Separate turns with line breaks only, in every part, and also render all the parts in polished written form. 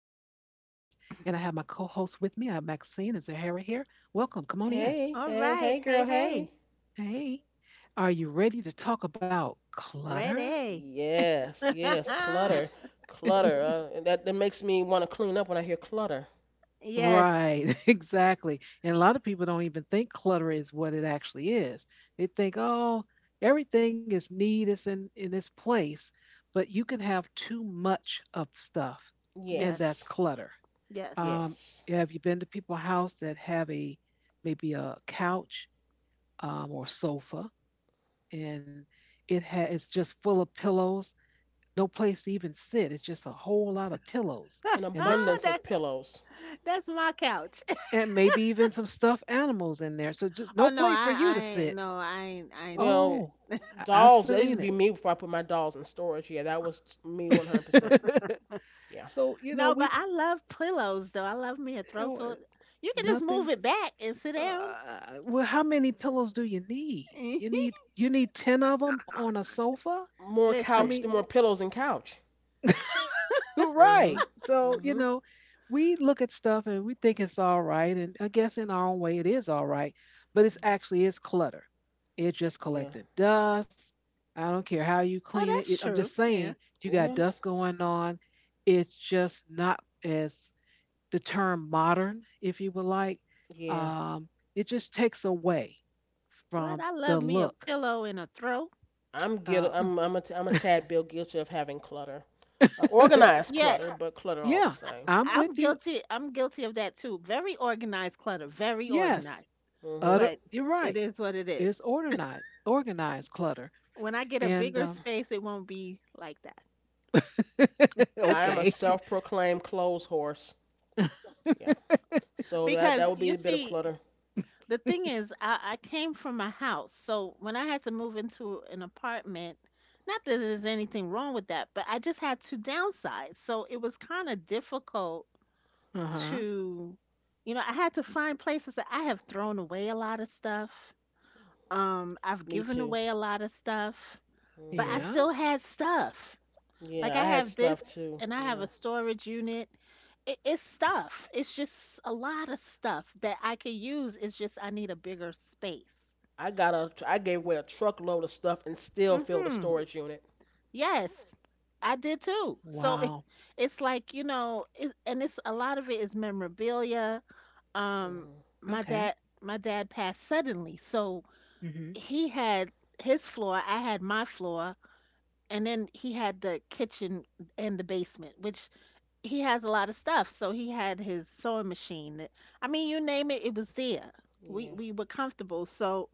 have my co host with me. I have Maxine and Zahara here. Welcome. Come on in.
Hey,
All
hey,
right.
hey,
Hey,
girl,
hey.
hey.
Hey, are you ready to talk about clutter?
Ready.
Yes, yes, clutter, clutter. And that makes me want to clean up when I hear clutter.
Yes.
Right, exactly. And a lot of people don't even think clutter is what it actually is. They think, oh, everything is neat, it's in its place, but you can have too much of stuff, and
Yes.
that's
Yes,
clutter.
Yes.
Um,
yes.
have you been to people's house that have a maybe a couch, or sofa, and it's just full of pillows, no place to even sit. It's just a whole lot of pillows,
An
and ma-
abundance
That
of pillows.
that's my couch.
and maybe even some stuffed animals in there. So just
Oh
no
no,
place for you
I
to
ain't
sit.
no, I ain't doing that.
Well,
Oh, I've
dolls. That
seen
used to
it.
be me before I put my dolls in storage. Yeah, that was me 100%. Yeah.
So,
No, but
we,
I love pillows though. I love me a
you
throw
know,
pillow. You can just
nothing.
move it back and sit down.
Well, how many pillows do you need? You need you need ten of them on a sofa.
More
I mean,
Listen.
couch than more pillows and couch.
right.
Mhm.
So, you
Mhm.
know, we look at stuff and we think it's all right. And I guess in our own way, it is all right. But it's
Mhm.
actually, it's clutter. It just
Yeah.
collected dust. I don't care how you clean
Well,
it.
that's
I'm just
true.
saying,
Yeah.
you got
Yeah.
dust going on. It's just not as the term modern, if you would like.
Yeah.
Um, it just takes away
What?
from
I love
the
me a
look.
pillow and a throw.
I'm
Uh,
guilty.
Mm.
I'm a tad bit guilty of having clutter. Organized
Yeah,
clutter, but clutter all the
yeah,
same.
I'm with
I'm
you.
guilty. I'm guilty of that too. Very organized clutter. Very
Yes,
organized.
Hmm.
utter,
But
you're
it
right.
is what it
It's
is.
organized clutter.
When I get a
And
bigger space, it won't be like that.
I am a
okay.
self-proclaimed clothes horse. Yeah. So that
Because
that would
you
be a bit of
see,
clutter.
the thing is, I came from a house. So when I had to move into an apartment, not that there's anything wrong with that, but I just had to downsize. So it was kind of difficult
Uh huh.
to, you know, I had to find places that I have thrown away a lot of stuff. I've
Me
given
too.
away a lot of stuff, but I
Hmm.
Yeah.
still had stuff. Like
Yeah,
I
I had
have this
stuff too.
and I have
Yeah.
a storage unit. It's stuff. It's just a lot of stuff that I could use. It's just I need a bigger space.
I gave away a truckload of stuff and still filled a
hmm
storage unit.
Yes, I did too.
Wow.
It's like, you know, it's, and it's a lot of it is memorabilia. Um,
Hmm.
my dad,
Okay.
my dad passed suddenly, so
Mm-hmm.
he had his floor, I had my floor, and then he had the kitchen and the basement, which he has a lot of stuff. So he had his sewing machine. I mean, you name it, it was there. We
Yeah.
we were comfortable. So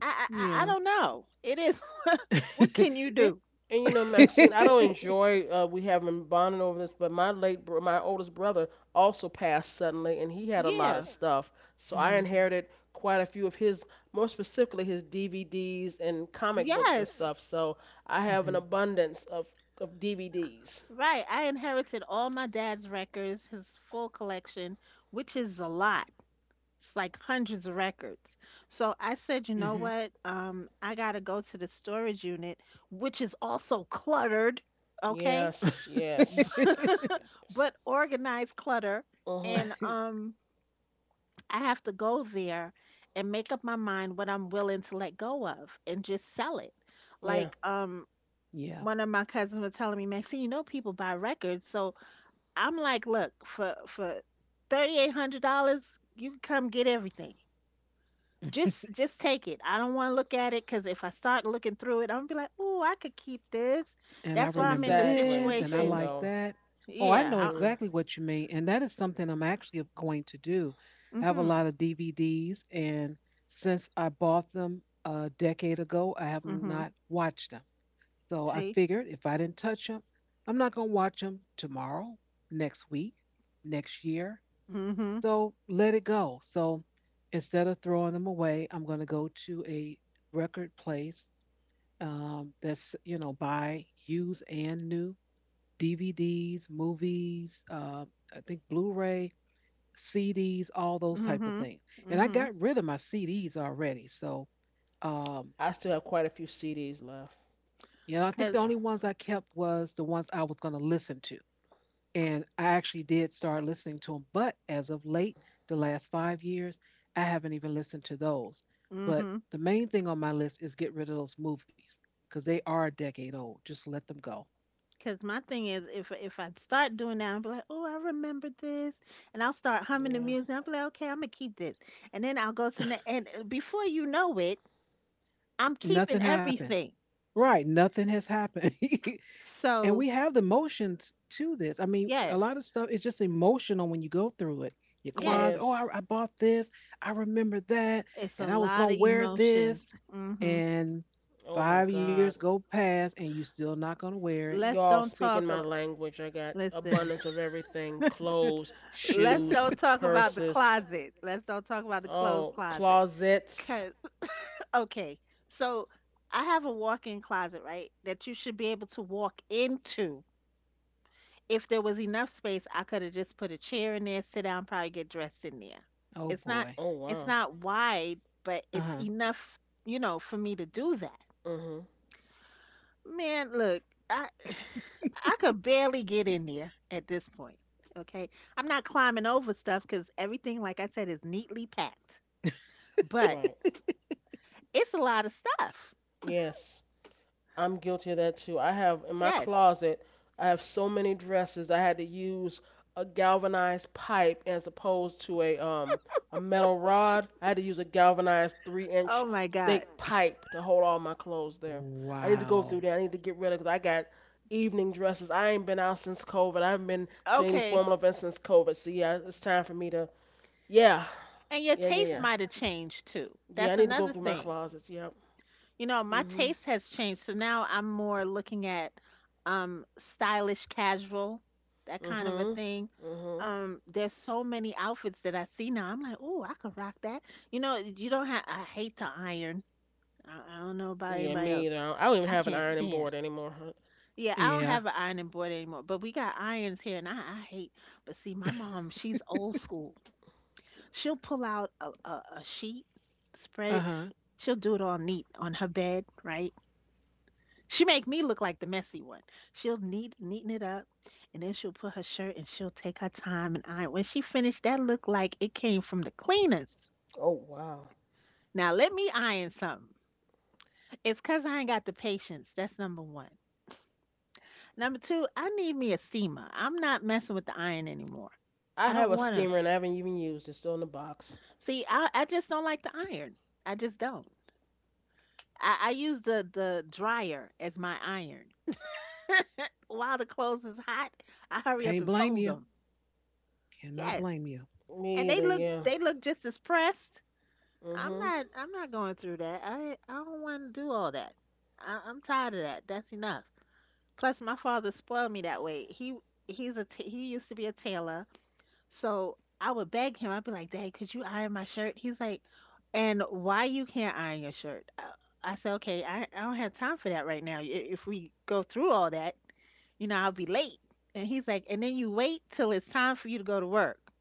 I I, I don't
Yeah.
know. It is what can you
It.
do?
And you know, Maxine, I don't enjoy we having bonding over this, but my oldest brother also passed suddenly, and he had a lot of
Yeah.
stuff. So I
Mm-hmm.
inherited quite a few of his, more specifically his DVDs and comic books and
Yes.
stuff. So I have
Mm-hmm.
an abundance of DVDs.
Right. I inherited all my dad's records, his full collection, which is a lot. It's like hundreds of records. So I said, you know
Mm-hmm.
what? I gotta go to the storage unit, which is also cluttered. Okay.
Yes, yes, yes, yes, yes.
But organized clutter.
Mhm.
And I have to go there and make up my mind what I'm willing to let go of and just sell it.
Yeah.
Like um
Yeah.
One of my cousins was telling me, Maxine, you know people buy records. So I'm like, look, for $3,800, you can come get everything. Just take it. I don't want to look at it because if I start looking through it, I'm gonna be like, oh, I could keep this.
And I
That's why I'm
remember
in the
Exactly.
this and I
situation.
like
Bingo.
that. Oh, I
Yeah.
know
I,
Mhm.
exactly what you mean. And that is something I'm actually going to do. I have a
mm-hmm.
lot of DVDs, and since I bought them a decade ago, I have not
Mm-hmm.
watched them. So I
See?
figured if I didn't touch them, I'm not going to watch them tomorrow, next week, next year.
Mm-hmm.
So let it go. So instead of throwing them away, I'm going to go to a record place, that's, buy used and new DVDs, movies, I think Blu-ray, CDs, all those type of
Mhm.
things. And I
Mhm.
got rid of my CDs already. So, um,
I still have quite a few CDs left.
I think the
Cause
only
Yeah.
ones I kept was the ones I was going to listen to. And I actually did start listening to them. But as of late, the last 5 years, I haven't even listened to those. But
mhm.
the main thing on my list is get rid of those movies because they are a decade old. Just let them go.
Cause my thing is, if I start doing that, I'm like, oh, I remember this, and I'll start humming the
Yeah.
music. I'm like, okay, I'm gonna keep this, and then I'll go to the and before you know it, I'm keeping
Nothing happened.
everything.
Right, nothing has happened. And
So
we have the emotions to this. I mean, a lot
yes,
of stuff is just emotional when you go through it. Your
It
yes,
closet, oh,
is.
I bought this, I remember that,
it's a
and I was
lot
gonna
of
wear
emotions.
this,
Mhm.
and
Oh my
5 years
God.
go past, and you still not gonna wear it.
Let's
Y'all
don't
speaking
talk.
my
Ab-
language. I got
Listen,
abundance of everything, clothes,
let's
shoes,
don't talk about the
purses,
closet. Let's don't talk about the clothes
oh,
closet.
closets.
Okay, so I have a walk-in closet, right? That you should be able to walk into. If there was enough space, I could have just put a chair in there, sit down, probably get dressed in there.
Oh
It's not
boy.
Oh,
it's
wow.
not wide, but
Uh
it's
huh.
enough, you know, for me to do that.
Mm hmm.
Man, look, I I could barely get in there at this point. Okay. I'm not climbing over stuff because everything, like I said, is neatly packed. But
Right.
it's a lot of stuff.
Yes. I'm guilty of that too. I have in my
Yes.
closet, I have so many dresses. I had to use a galvanized pipe as opposed to a metal rod. I had to use a galvanized 3-inch
Oh my God.
thick pipe to hold all my clothes there. I need to go
Wow.
through there. I need to get rid of because I got evening dresses. I ain't been out since COVID. I haven't been to any
Okay.
formal event since COVID. So yeah, it's time for me to, yeah,
And your
yeah, yeah,
taste
yeah,
might have changed too.
yeah. I
That's
need to go
another
through my
thing.
closets. Yep.
You know, my
Mhm.
taste has changed. So now I'm more looking at stylish casual, that kind of a
Mhm.
thing.
Mhm.
There's so many outfits that I see now. I'm like, "Oh, I could rock that." You know, you don't have I hate to iron. I don't know about
Yeah,
anybody
me
else.
either. I don't even
I
have an
can't
ironing
stand.
board anymore. Huh?
Yeah, I don't
Yeah.
have an ironing board anymore, but we got irons here and I hate. But see, my mom, she's old school. She'll pull out a sheet,
Uh
spread
huh.
She'll do it all neat on her bed, right? She make me look like the messy one. She'll neaten it up, and then she'll put her shirt and she'll take her time and iron. When she finished, that looked like it came from the cleaners.
Oh wow.
Now let me iron something. It's cause I ain't got the patience. That's number one. Number two, I need me a steamer. I'm not messing with the iron anymore. I
I have
don't
a
wanna.
steamer and I haven't even used it. Still in the box.
See, I just don't like the iron. I just don't. I use the dryer as my iron. While the clothes is hot, I hurry up
Can't
and
blame
fold
you.
them.
Cannot
Yes.
blame you.
And
Me either. Yeah.
they look just as pressed.
Mhm.
I'm not going through that. I don't want to do all that. I'm tired of that. That's enough. Plus, my father spoiled me that way. He used to be a tailor, so I would beg him. I'd be like, "Dad, could you iron my shirt?" He's like, "And why you can't iron your shirt?" I said, "Okay, I don't have time for that right now. If we go through all that, you know, I'll be late. And he's like, and then you wait till it's time for you to go to work.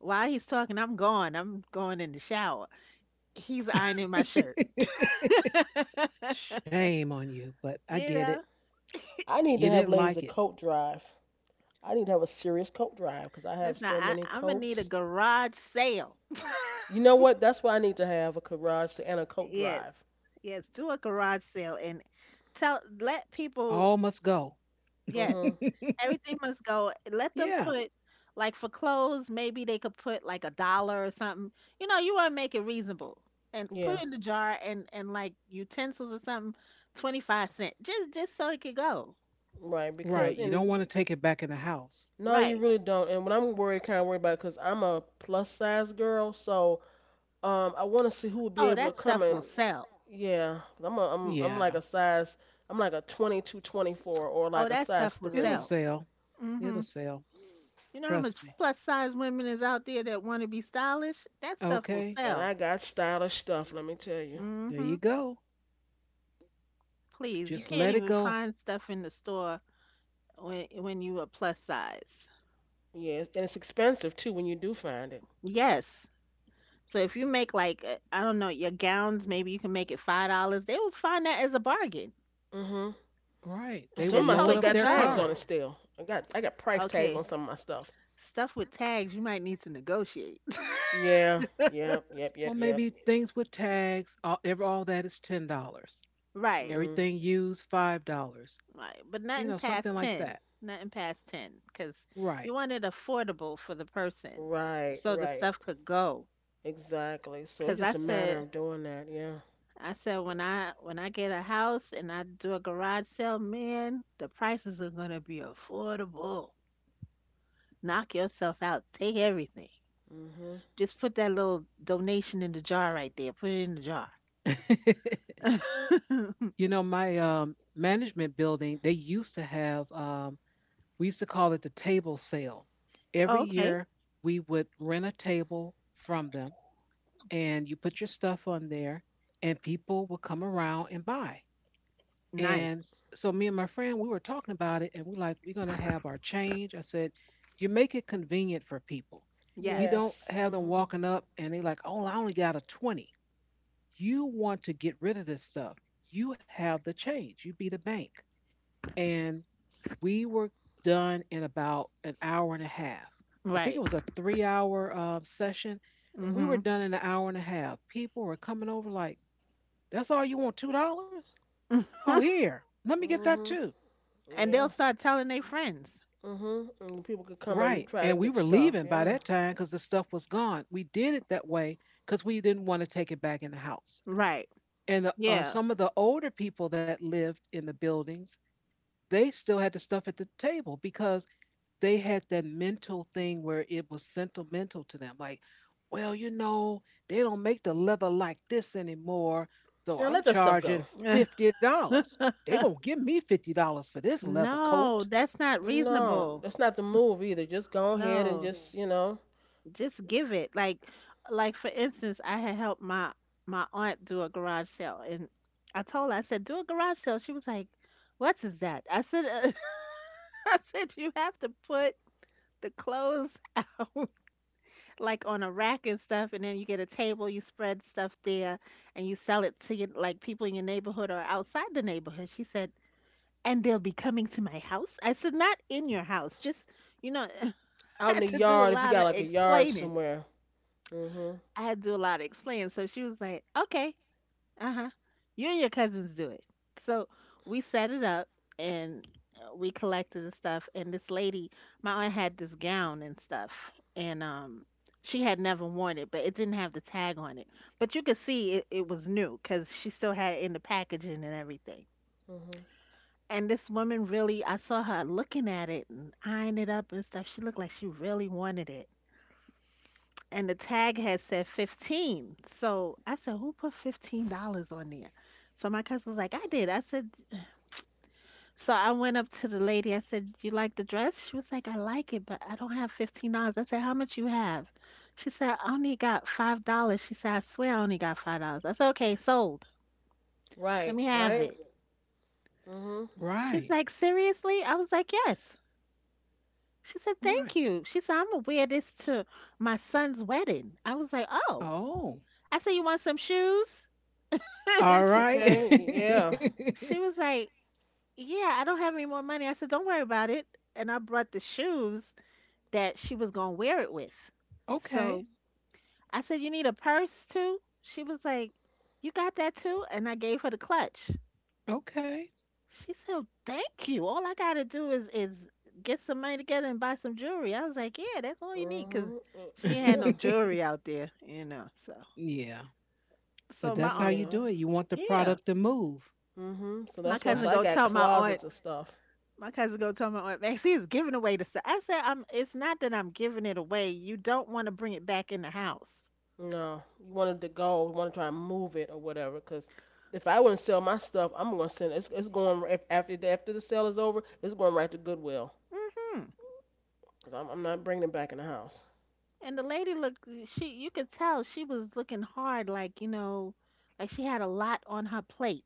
While he's talking, I'm gone. I'm going in the shower. He's ironing my shirt.
Shame on you, but I
You
get it.
know,
I need to
You
have
didn't
ladies a
like it.
coat drive. I need to have a serious coat drive because I have
listen,
so many
I'm gonna need a
coats.
garage sale.
You know what? That's why I need to have a garage and a coat
Yes,
drive.
yes, do a garage sale and tell let people
All must go.
Yes.
Mhm.
Everything must go. Let them
Yeah.
put like for clothes, maybe they could put like a dollar or something. You know, you want to make it reasonable. And
Yeah.
put in the jar and like utensils or something, 25 cents. Just so it could go.
Right.
Right.
Because
You don't want
and
to take it back in the house.
no, you
Right.
really don't. And when I'm worried, kind of worried about it because I'm a plus size girl, so I want to see who would be
Oh,
able to
that
come
stuff
and.
will sell.
Yeah, 'cause
Yeah.
I'm like a 22, 24 or
Oh,
like a
that
size
stuff will
It'll
3,
sell.
sell.
Mhm.
It'll sell.
You know how much
Trust me.
plus size women is out there that want to be stylish? That stuff will
Okay.
and
sell.
I got stylish stuff, let me tell you.
There
Mhm.
you go.
Please, you
So,
Just
can't
let it
even
go.
find stuff in the store when you are plus size.
yeah, and it's expensive too when you do find it.
Yes. So if you make like I don't know your gowns, maybe you can make it $5. They will find that as a bargain,
Mhm.
Right.
And
They
some
will
of
just
my
so
load
stuff
it
up
could
got
their
tags
go.
on
car.
it still. I got price tags on
Okay,
some of my stuff.
stuff with tags you might need to negotiate.
Yeah. Yep, yep,
Well,
yep, yep.
maybe things with tags, all that is $10.
Right,
Mhm.
Everything used, $5.
right, but nothing
You know,
past
something like
ten.
that.
Nothing past ten, because you
Right.
want it affordable for the person,
Right,
so the
right.
stuff could go.
Exactly. So it's
Because
just a matter of doing that, yeah.
I said when I get a house and I do a garage sale, man, the prices are gonna be affordable. Knock yourself out. Take everything.
Mhm.
Just put that little donation in the jar right there. Put it in the jar.
My management building, they used to have, we used to call it the table sale. Every
Okay.
year, we would rent a table from them, and you put your stuff on there, and people would come around and buy. And
Nice.
so, me and my friend, we were talking about it, and we're like, we're going to have our change. I said, you make it convenient for people. You
Yes.
don't
Yes.
have them
Mhm.
walking up and they're like, oh, I only got a 20. You want to get rid of this stuff. You have the change, you be the bank. And we were done in about an hour and a half. I think
Right.
it was a 3 hour session. We
Mhm.
were
Mhm.
done in an hour and a half. People were coming over like, that's all you want, $2? Oh, here, let me get that
Mhm.
too.
And they'll
Yeah.
start telling their friends.
Mhm. And people could come and
Right.
try to
And we
get
were
stuff.
leaving by
Yeah.
that time because the stuff was gone. We did it that way because we didn't want to take it back in the house.
Right.
And
Yeah.
some of the older people that lived in the buildings, they still had the stuff at the table because they had that mental thing where it was sentimental to them. Like, well, they don't make the leather like this anymore. So
Now let
I'm
that stuff go.
charging $50 they going to give me $50 for this leather coat.
No, that's not
But no,
reasonable.
that's not the move either. Just go ahead and
No.
just,
Just give it. Like for instance, I had helped my my aunt do a garage sale and I told her, I said, do a garage sale. She was like, What is that? I said I said you have to put the clothes out like on a rack and stuff, and then you get a table, you spread stuff there, and you sell it to your, like people in your neighborhood or outside the neighborhood. She said, and they'll be coming to my house. I said, not in your house, just you know. I
out in
had
the
to do a
yard if you
lot
got
of
like a yard
explaining.
somewhere. Mhm.
I had to do a lot of explaining. So she was like, okay. Uh-huh. You and your cousins do it. So we set it up and we collected the stuff and this lady, my aunt had this gown and stuff and she had never worn it, but it didn't have the tag on it. But you could see it, it was new because she still had it in the packaging and everything.
Mhm.
And this woman really, I saw her looking at it and eyeing it up and stuff. She looked like she really wanted it and the tag had said 15. So I said, Who put $15 on there? So my cousin was like, I did. I said, So I went up to the lady. I said, You like the dress? She was like, I like it, but I don't have $15. I said, How much you have? She said, I only got $5. She said, I swear I only got $5. I said, Okay, sold. Let
Right.
me have
Right.
it.
Mhm.
She's
Right.
like, Seriously? I was like, Yes. She said,
Right.
Thank you. She said, I'm going to wear this to my son's wedding. I was like, Oh.
Oh,
I said, You want some shoes?
all right.
Okay. Yeah.
She was like, Yeah, I don't have any more money. I said, Don't worry about it. And I brought the shoes that she was going to wear it with.
Okay.
So I said, You need a purse too? She was like, You got that too? And I gave her the clutch.
Okay.
She said, Thank you. All I got to do is get some money together and buy some jewelry. I was like, Yeah, that's all you need. Cause
Mhm.
she ain't had
Yeah.
no jewelry out there. So,
Yeah. But
so
that's how you
Yeah.
do it. You want the
yeah,
product to move.
Mhm. So
my
that's why
Not
so
cousin
I
go
got
tell my aunt
closets of stuff.
My cousin go tell my aunt Maxie is giving away the stuff. I said, I'm it's not that I'm giving it away. You don't want to bring it back in the house.
No, you wanted to go, you want to try and move it or whatever. Cause if I wouldn't sell my stuff, I'm gonna send it's going, if, after the sale is over, it's going right to Goodwill.
hmm
Cause I'm not bringing it back in the house.
And the lady looked she, you could tell she was looking hard, like, like she had a lot on her plate,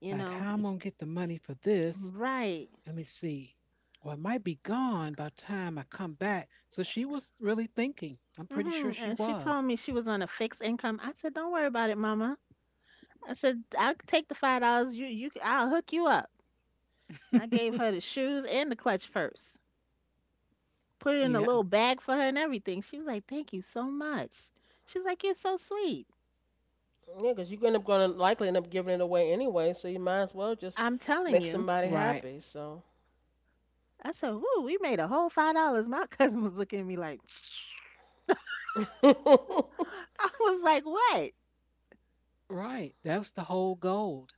you
like, how
know.
I'm going to get the money for this.
Right.
Let me see. Well, it might be gone by the time I come back. So she was really thinking. I'm pretty sure she
And she
was.
told me she was on a fixed income. I said, Don't worry about it, mama. I said, I'll take the $5, you I'll hook you up. And I gave her the shoes and the clutch purse. Put it in a
Yeah.
little bag for her and everything. She was like, "Thank you so much." She's like, "You're so sweet.
Yeah, cause you're gonna likely end up giving it away anyway, so you might as well just
I'm telling
make
you."
somebody
Right.
happy. So
I said, "Woo, we made a whole $5." My cousin was looking at me like,
you
I was like, "What?"
Right. That was the whole gold.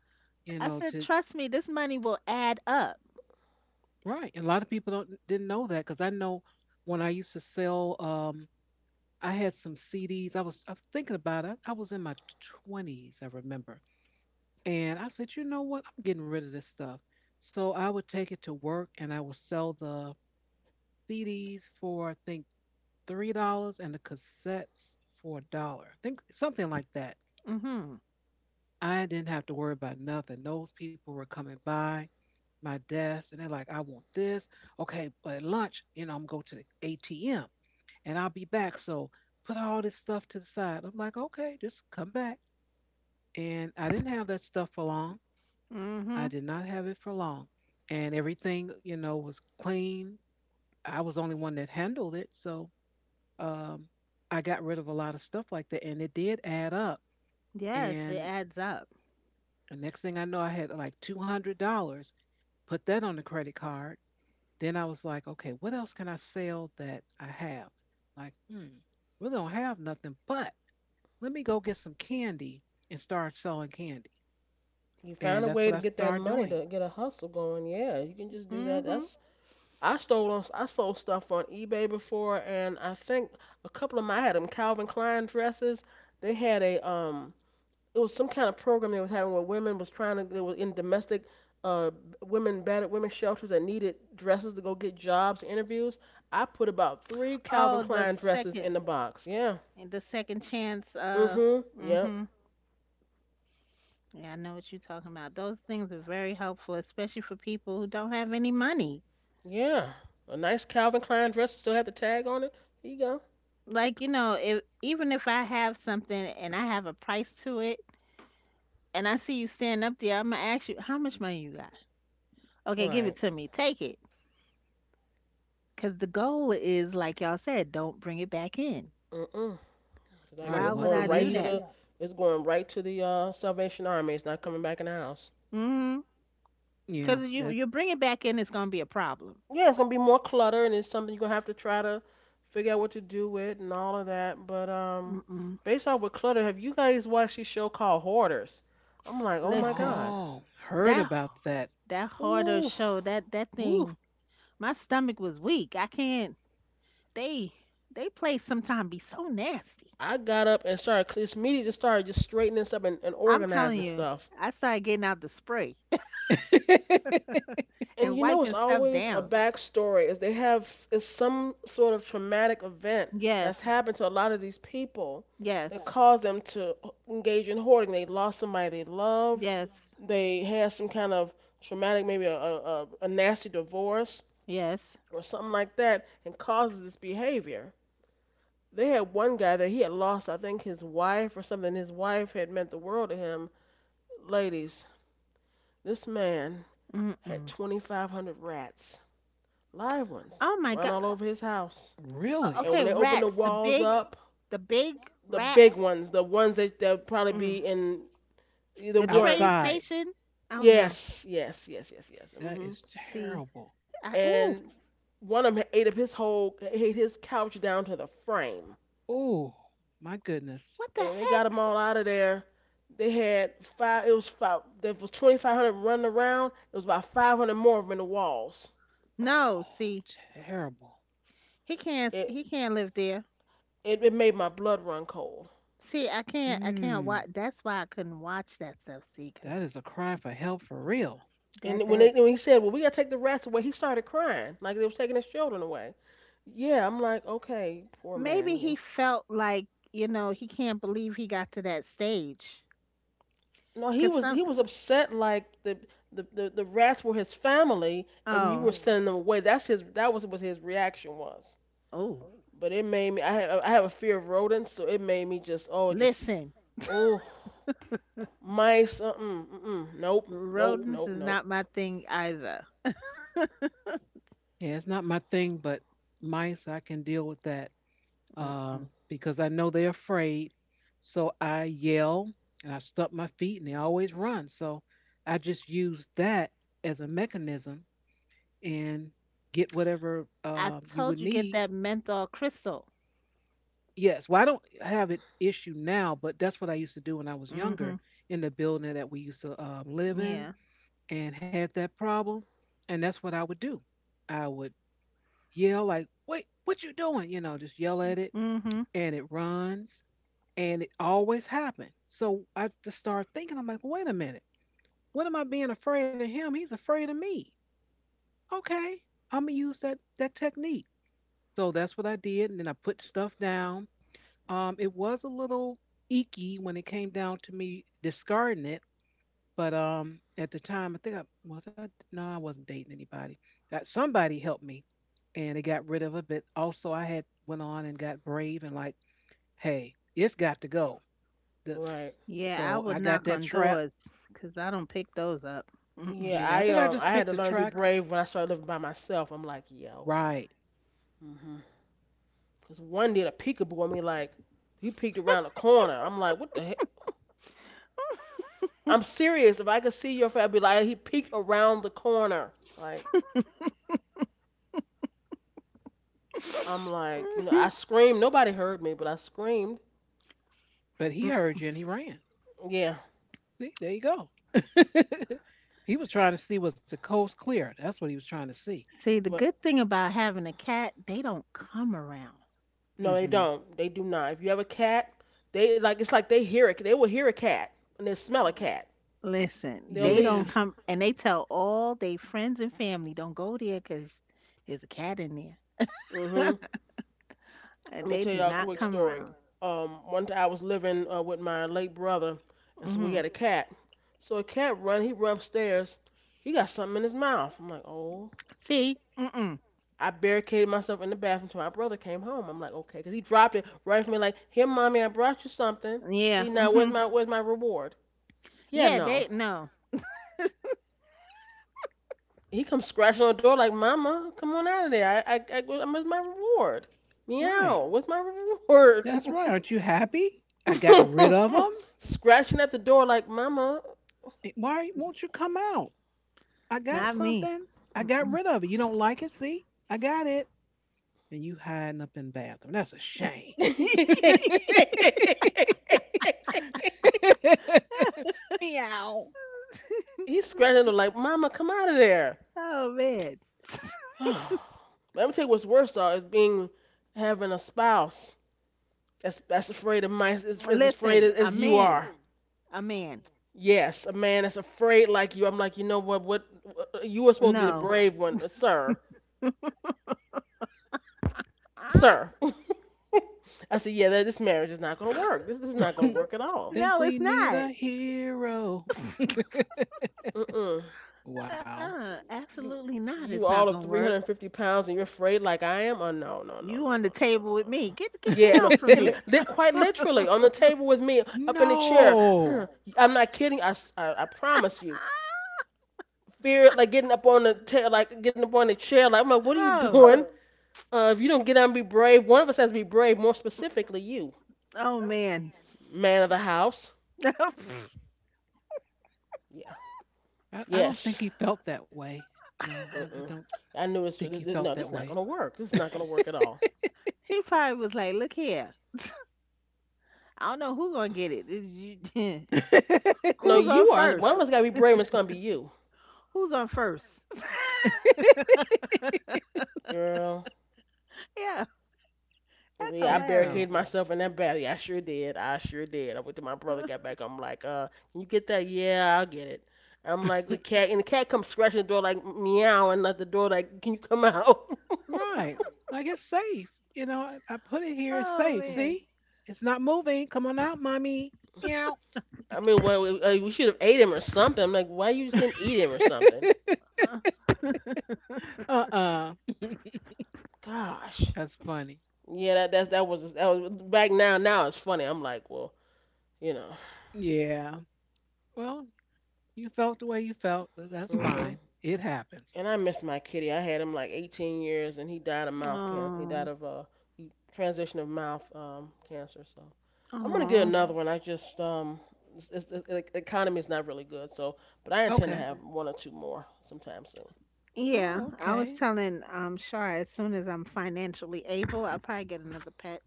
You
I
know,
said,
to,
"Trust me, this money will add up."
right. And a lot of people don't didn't know that because I know when I used to sell, I had some CDs. I was thinking about it. I was in my twenties, I remember. And I said, you know what? I'm getting rid of this stuff. So I would take it to work and I would sell the CDs for I think $3 and the cassettes for a dollar. I think something like that.
Mhm.
I didn't have to worry about nothing. Those people were coming by my desk and they're like, I want this. Okay, but at lunch, I'm going to the ATM and I'll be back. So put all this stuff to the side. I'm like, okay, just come back. And I didn't have that stuff for long. I
Mhm.
did not have it for long. And everything, was clean. I was the only one that handled it. So um, I got rid of a lot of stuff like that, and it did add up.
Yes, it
And
adds up.
the next thing I know, I had like $200. Put that on the credit card. Then I was like, okay, what else can I sell that I have? Like, hmm, really don't have nothing, but let me go get some candy and start selling candy.
found
And
a
that's
way
what
to
I
get that
started
money
doing.
to get a hustle going. Yeah, you can just do that.
Mhm.
That's I sold stuff on eBay before, and I think a couple of my I had them Calvin Klein dresses. They had a It was some kind of program they was having where women was trying to, they were in domestic uh women, battered women shelters that needed dresses to go get jobs and interviews. I put about three Calvin
Oh, the
Klein dresses in
second,
the box. Yeah.
the second chance.
Hmm. Yep.
Mhm. Yeah, I know what you're talking about. Those things are very helpful, especially for people who don't have any money.
Yeah. A nice Calvin Klein dress still had the tag on it. Here you go.
Like, if even if I have something and I have a price to it, and I see you standing up there, I'm gonna ask you, how much money you got? Okay, give it
Right.
to me, take it, because the goal is, like y'all said, don't bring it back in.
Mm-mm. Cause like
Right.
Why would
Once it
I do
leaves,
that?
it's going right to the Salvation Army. It's not coming back in the house.
mm-hmm
yeah,
because you
that,
you bring it back in, it's gonna be a problem.
Yeah, it's gonna be more clutter, and it's something you're gonna have to try to figure out what to do with and all of that. But
Mm-mm.
based off with clutter, have you guys watched this show called Hoarders? I'm like, oh my
Listen,
God,
oh, heard
that
about that.
that harder
ooh!
show, that
Woo.
thing, my stomach was weak, I can't— they they play sometime be so nasty.
I got up and started cleaning. Immediately just started just straightening stuff, and
I'm telling
organizing
you,
stuff.
I started getting out the spray
And
and
it's
wiping stuff
always a
down.
backstory is they have is some sort of traumatic event that's
Yes,
happened to a lot of these people that, right,
yes,
caused them to engage in hoarding. They lost somebody they loved.
yes,
They had some kind of traumatic, maybe a nasty divorce
yes.
or something like that, and causes this behavior. They had one guy that he had lost, I think, his wife or something. His wife had meant the world to him. Ladies, this man had
Mm-mm.
2,500 rats. Live ones.
Oh my
Run
God.
all over his house. And
Really?
when
Okay,
they open the
rats. The
walls
big,
up,
the big
the big
rats.
ones, the ones that they'll probably
Mm.
be in, the
The
ones.
train
Outside.
station. Oh no.
Yes, yes, yes, yes, yes. mm
That
hmm
is
See,
terrible.
ooh,
And one of them ate up ate his couch down to the frame.
Oh, my goodness.
what the
And when they got them
heck?
all out of there, they had five. It was five. There was 2,500 running around. It was about 500 more of them in the walls.
No,
Oh,
see,
terrible.
he can't.
It
He can't live there.
it made my blood run cold.
See, I can't. I can't
Mmm,
watch. That's why I couldn't watch that stuff. See,
that
'cause
is a cry for help for real.
that
And
that
when he said, "Well, we gotta take the rats away," he started crying like they was taking his children away. Yeah, I'm like, okay, poor
maybe
man,
he
you.
felt like, he can't believe he got to that stage.
No, he
'Cause
was
some.
he was upset like the rats were his family and you
Oh.
were sending them away. That was what his reaction was.
Oh,
But it made me, I have a fear of rodents, so it made me just, oh, just,
listen,
oh, mice, mm mm, nope, nope,
rodents
nope,
is
nope.
not my thing either.
Yeah, it's not my thing, but mice, I can deal with that,
Mm-mm.
because I know they're afraid. So I yell and I stump my feet and they always run. So I just use that as a mechanism and get whatever
I
you would
told you get
need.
that menthol crystal.
Yes, well, I don't have an issue now, but that's what I used to do when I was younger
Mhm.
in the building that we used to, live in
Yeah.
and had that problem. And that's what I would do. I would yell like, "Wait, what you doing?" Just yell at it,
Mhm.
and it runs, and it always happened. So I just started thinking, I'm like, "Wait a minute, what am I being afraid of him? He's afraid of me. Okay, I'm gonna use that technique." So that's what I did, and then I put stuff down. It was a little icky when it came down to me discarding it, but at the time, I think I was I no, I wasn't dating anybody. Got somebody helped me, and it got rid of it. But also, I had went on and got brave and like, hey, it's got to go. The,
Right.
Yeah, I
so
would
I got
knock
that
on
trap.
doors cuz I don't pick those up. Mm-mm.
Yeah,
Yeah, I think
I
I
um
just
I
picked a
had to learn to be
track.
brave when I started living by myself. I'm like, yeah, okay.
Right,
Hmm. Cause one did a peekaboo, I mean, like he peeked around the corner. I'm like, what the heck? I'm serious. If I could see your face, I'd be like, he peeked around the corner. Like I'm like, you know, I screamed. Nobody heard me, but I screamed.
but he
Mm.
heard you and he ran.
Yeah,
See, there you go. He was trying to see was the coast clear. That's what he was trying to see.
See, the
but
good thing about having a cat, they don't come around.
no, they
Hmm.
don't. They do not. If you have a cat, they like it's like they hear it. They will hear a cat and they smell a cat.
Listen,
They'll
they don't
Yeah.
leave.
come and they tell all their friends and family don't go there cuz there's a cat in there.
Mm hmm Let me
They
tell
do
y'all a
not
quick
come
story.
around.
One time I was living with my late brother, and so we
Mm-hmm.
had a cat. So he run upstairs. He got something in his mouth. I'm like, oh.
See? Mm-mm.
I barricaded myself in the bathroom till my brother came home. I'm like, okay, 'cause he dropped it right from me, like, here, mommy, I brought you something.
Yeah.
See now, where's my where's my reward? Yeah,
Yeah,
no.
they, no,
He comes scratching on the door like, mama, come on out of there. I where's my reward?
Right.
Meow. Where's my reward?
That's right. Aren't you happy? I got rid of them.
Scratching at the door like, Mama.
Why won't you come out? I got
not me.
something. I got
Mm-mm.
rid of it. You don't like it? See? I got it. And you hiding up in the bathroom. That's a shame. Meow.
He's scratching at the door like, Mama, come out of there.
Oh man.
Let me tell you what's worse though is being having a spouse that's afraid of mice is afraid
Listen, a
as, you
man.
are.
A man.
Yes, a man that's afraid like you. I'm like, you know what? What you were supposed to be the
No.
brave one, sir,
Ah,
sir. I said, yeah, this marriage is not gonna work. This is not gonna work at all.
Think
no,
we
it's
need
not.
a hero.
Mm-mm.
Wow.
Uh-uh.
You
Absolutely not.
you
It's not
all of
gonna work.
350 pounds and you're afraid like I am? Oh, no, no, no, no, no,
You on the
no, no, no,
table with
no,
me.
no.
Get
Yeah, no,
down from there.
quite literally on the table with me, up in the chair.
No.
Huh, I'm not kidding. I promise you. Fear like getting up like getting up on the chair. Like I'm like, what are you
Oh.
doing? If you don't get out and be brave, one of us has to be brave. More specifically, you,
Oh man.
man of the house. Yeah.
I don't
Yes.
think he felt that way. No, I
Mm-mm.
don't
I knew this.
think he felt
No, this
that
is not
way.
gonna work. This is not gonna work at all.
He probably was like, "Look here, I don't know who gonna get it. Is you-
No,
Who's on
you are.
first?
One of us gotta be brave, and it's gonna be you.
Who's on first?
Girl,
Yeah, that's
yeah, I
Heck
hilarious.
barricaded
no.
myself in that bathroom. I sure did. I sure did. I went to my brother, got back. I'm like, can you get that? Yeah, I'll get it. I'm like the cat, and the cat comes scratching the door like meowing at the door like, can you come out?
Right. Like it's safe. I put it here. It's
Oh
safe.
man.
See, it's not moving. Come on out, mommy. Meow.
I mean, well, we should have ate him or something. I'm like, why you just didn't eat him or something?
Uh,
Uh-uh.
Gosh.
That's funny.
Yeah, that's that was back now. Now it's funny. I'm like, well, you know.
Yeah. Well, you felt the way you felt. But That's
Hmm.
fine. It happens.
And I miss my kitty. I had him like 18 years, and he died of mouth cancer. He died
Oh.
of uh, he transition of mouth cancer. So I'm gonna get
Oh.
another one. I just the economy is not really good. So, but I intend to
Okay.
have, okay, one or two more sometime soon.
Oh,
Yeah, I was
okay.
telling Shar as soon as I'm financially able, I'll probably get another pet.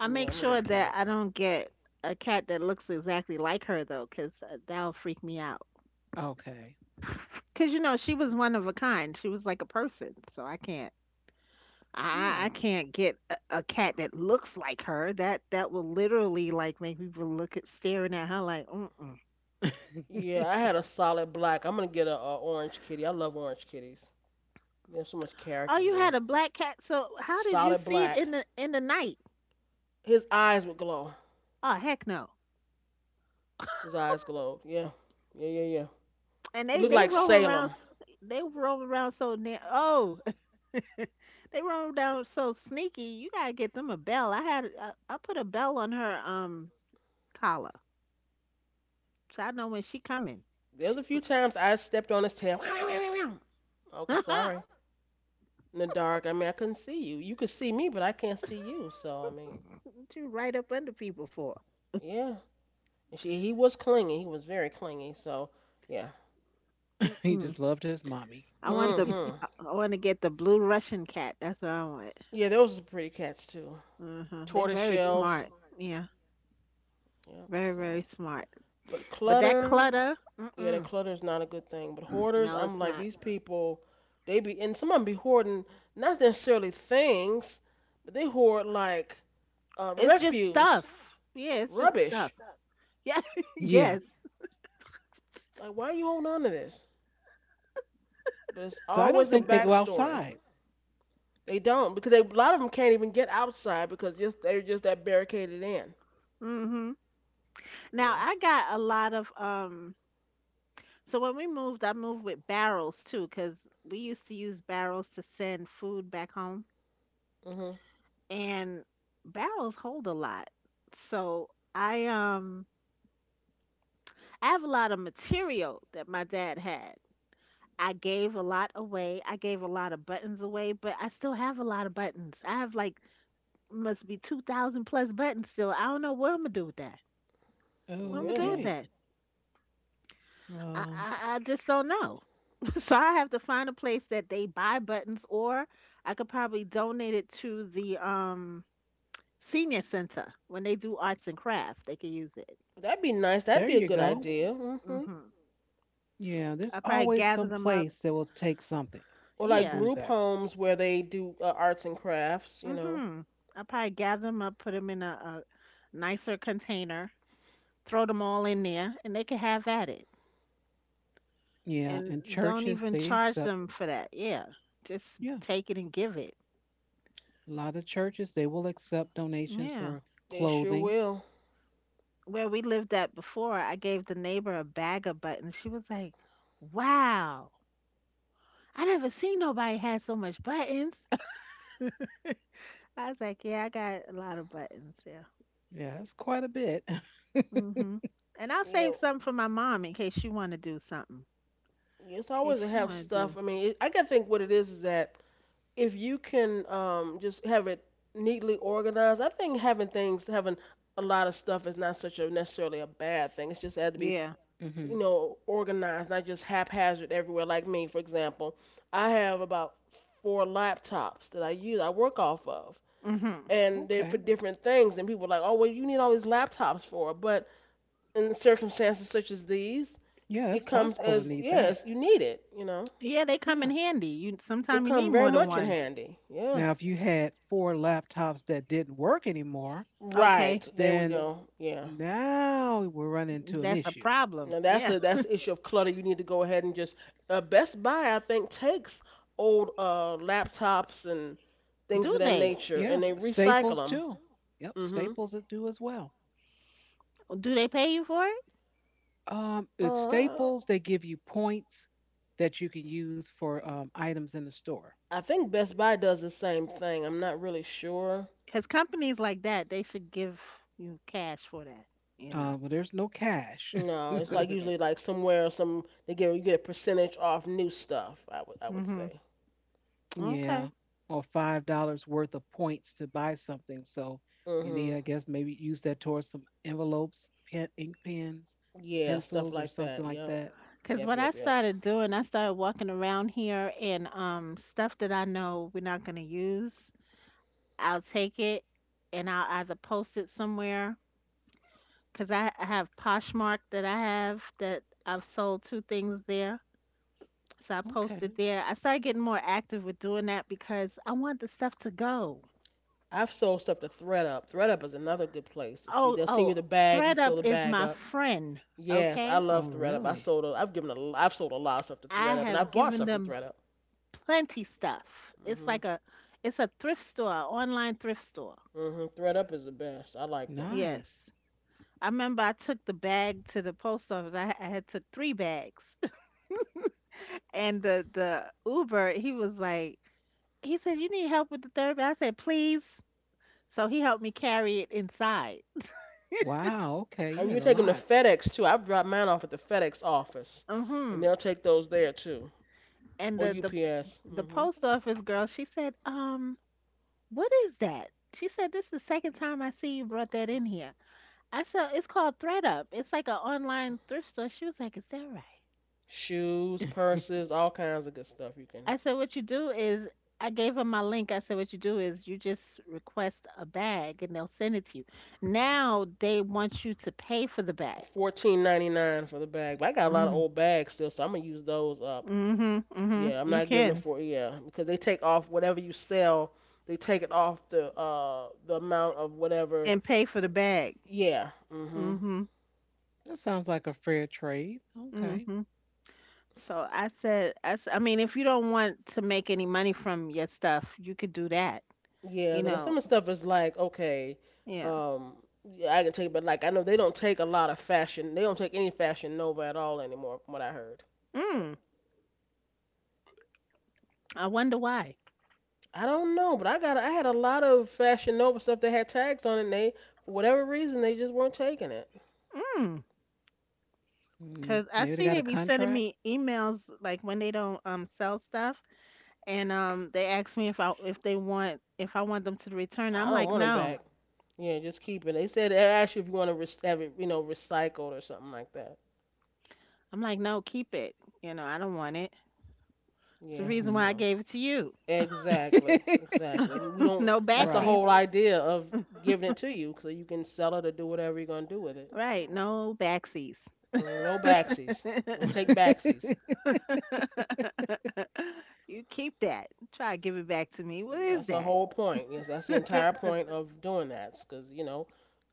I
Yeah,
make
I'm gonna get
sure
a
that
cat.
I don't get a cat that looks exactly like her though, 'cause that'll freak me out.
Okay.
'Cause, she was one of a kind. She was like a person, so I can't I I
Yeah.
I can't get a cat that looks like her. That will literally like make people look at staring at her like, mm-mm.
Yeah, I had a solid black. I'm gonna get a orange kitty. I love orange kitties. There's so much
Oh,
character to
you had
them.
a black cat. So how did you
Solid
see it
black.
in the night?
His eyes would glow.
Oh, heck no.
His eyes glowed. Yeah, yeah, yeah, yeah.
And
He
they
looked
they
like
roll around
Salem.
they roll around so near. Oh, they roll down so sneaky. You gotta get them a bell. I put a bell on her collar, so I know when she coming.
There's
She
a few
cr-
times I stepped on his tail. Okay, sorry. In the dark, I mean, I couldn't see you. You could see me, but I can't see you. So I mean,
she right up under people for.
yeah. And he was clingy. He was very clingy. So yeah.
He
Mm-mm.
just loved his mommy.
I want the
Mhm.
I want to get the blue Russian cat. That's what I want.
Yeah, those are pretty cats too.
hmm They're
Tortoise
very
shells.
smart. Yeah,
Yep.
very
So,
very smart.
but
But that
clutter,
clutter.
yeah, the
Mm-mm.
clutter is not a good thing. But hoarders,
No,
I'm
it's
like
not.
these people, they be and some of them be hoarding not necessarily things, but they hoard like
It's just
refuse,
stuff. Yeah, it's just
rubbish.
stuff. Yeah.
Yeah.
Yes.
Like, why are you holding on to this? But it's
So I don't
always a
think they go
backstory.
outside.
They don't because a lot of them can't even get outside because just they're just that barricaded in.
Mhm. Now
Yeah.
I got a lot of So when we moved, I moved with barrels too cuz we used to use barrels to send food back home,
Mhm.
and barrels hold a lot. So I um I have a lot of material that my dad had. I gave a lot away. I gave a lot of buttons away, but I still have a lot of buttons. I have like must be 2000 plus buttons still. I don't know what I'm going to do with that. What am I do with
Really?
Okay.
that? I,
Um,
I I just don't know. So I have to find a place that they buy buttons, or I could probably donate it to the senior center when they do arts and craft. They could use it.
That'd be nice. That'd
there
be a
you
good
go.
idea. Mhm.
Mhm.
Yeah, there's
I probably
always
gather
some
them up.
place that will take something.
Or
I
like
Yeah.
believe
group
that.
homes where they do arts and crafts. You know,
Mhm. I probably gather them up, put them in a nicer container, throw them all in there, and they can have at it.
Yeah,
And
and
don't
churches,
even
they
charge
accept,
them for that. Yeah. Just
yeah,
take it and give it.
a lot of churches, they will accept donations
Yeah.
for
they sure
clothing.
will.
Where we lived at before, I gave the neighbor a bag of buttons. She was like, "Wow, I never seen nobody had so much buttons." I was like, "Yeah, I got a lot of buttons. Yeah,
Yeah, that's quite a bit.
hmm and I'll
Yeah.
save some for my mom in case she want to do something.
It's
In case
always to
she
have
want to
stuff.
do,
I mean, I gotta think what it is that if you can just have it neatly organized. I think having a lot of stuff is not such a necessarily a bad thing. It's just had to be,
yeah.
you
hmm
know, organized, not just haphazard everywhere. Like me, for example, I have about four laptops that I use, I work off of,
hmm
and they're for
Okay.
different things. And people are like, oh, well, you need all these laptops for. But in circumstances such as these,
Yeah,
it
that's
comes
possible to
as
need that.
yes, you need it. You know,
Yeah, they
Yeah.
come in handy. You
it
Sometimes you need
come very
more than
much in
one.
handy. Yeah.
Now, if you had four laptops that didn't work anymore,
Okay,
Right. There we, yeah,
then
go. Yeah.
now we run into an
that's a
issue.
problem.
Now
Yeah,
that's the issue of clutter. You need to go ahead and just Best Buy I think takes old laptops and things
do
of that
they?
nature and
Yes,
they recycle
Staples
them.
too. Yep,
Mhm.
Staples would do as well.
Do they pay you for it?
At
Uh
Staples, they give you points that you can use for items in the store.
I think Best Buy does the same thing. I'm not really sure.
Because companies like that, they should give you cash for that. You know.
But there's no cash.
No, it's like
Okay.
usually like somewhere some they get you get a percentage off new stuff, I would
Mhm.
say.
Yeah,
Cause
or $5 worth of points to buy something. So you need,
Mhm.
I guess, maybe use that towards some envelopes, pen, ink pens,
Yeah, stuff
pencils, or
like
something
that.
like
Yep.
that.
Yep,
what
yep,
I
yep.
started doing, I started walking around here and stuff that I know we're not gonna use, I'll take it and I'll either post it somewhere 'cause I have Poshmark that I have that I've sold two things there. So I posted
Okay.
there. I started getting more active with doing that because I want the stuff to go.
I've sold stuff to ThreadUp. ThreadUp is another good place that you
Oh,
they'll send you
oh,
the bag, you fill
ThreadUp
the
is
bag
my
up.
friend,
Yes, I
okay?
love
Oh,
ThreadUp. I
really?
sold a, I've given a, l- I've sold a lot of stuff to
I
ThreadUp, and
have
I've bought
given
stuff from
them
ThreadUp.
plenty stuff. It's
Mhm.
like a it's a thrift store, online thrift store.
Mhm. ThreadUp is the best. I like them.
Nice.
Yes. I remember I took the bag to the post office. I had took three bags. And the Uber, he was like he said, You need help with the third bag? I said, please. So he helped me carry it inside.
Wow. Okay, you
And
had
you
a
take them to
lot.
FedEx too. I've dropped mine off at the FedEx office, and
Mm-hmm.
they'll take those there too,
And
or
the, the
UPS.
the
Mhm.
post office girl, she said, what is that? She said, this is the second time I see you brought that in here. I said, it's called ThreadUp. It's like an online thrift store. She was like, is that right?
Shoes, purses, all kinds of good stuff you can.
I said, what you do is, I gave her my link. I said, what you do is you just request a bag and they'll send it to you. Now they want you to pay for the bag.
14.99 for the bag, but I got a lot of
Mm-hmm.
old bags still, so I'm gonna use those up.
Mm-hmm. Mm-hmm.
Yeah, I'm
You
not giving them
can.
four. Yeah, because they take off whatever you sell. They take it off the amount of whatever.
And pay for the bag.
Yeah. Mhm.
Mm-hmm.
That sounds like a fair trade. Okay.
Mm-hmm. So I said, I mean, if you don't want to make any money from your stuff, you could do that.
Yeah,
You
because some
know,
of the stuff is like okay,
yeah.
um, yeah, I can take, but like I know they don't take a lot of fashion. They don't take any Fashion Nova at all anymore, from what I heard.
Mm, I wonder why.
I don't know, but I had a lot of Fashion Nova stuff that had tags on it. And They for whatever reason they just weren't taking it.
Mm.
Mm,
Cause I
maybe they
see
got
they
a
be sending
contract.
me emails like when they don't sell stuff, and they ask me if I want them to return.
I don't want it back. Yeah, just keep it. They said they asked you if you want to have it, recycled or something like that.
I'm like no, keep it. You know I don't want it. It's the
Yeah,
reason why
Hmm
I
so
gave it to you.
exactly, exactly. We don't.
No
That's the
Right.
backsies,
whole idea of giving it to you, so you can sell it or do whatever you're gonna do with it.
right? No backsies.
Mm, no backsies, no take backsies.
You keep that. Try to give it back to me. What is
That's the
that?
whole point. Yes, that's the entire point of doing that, because you know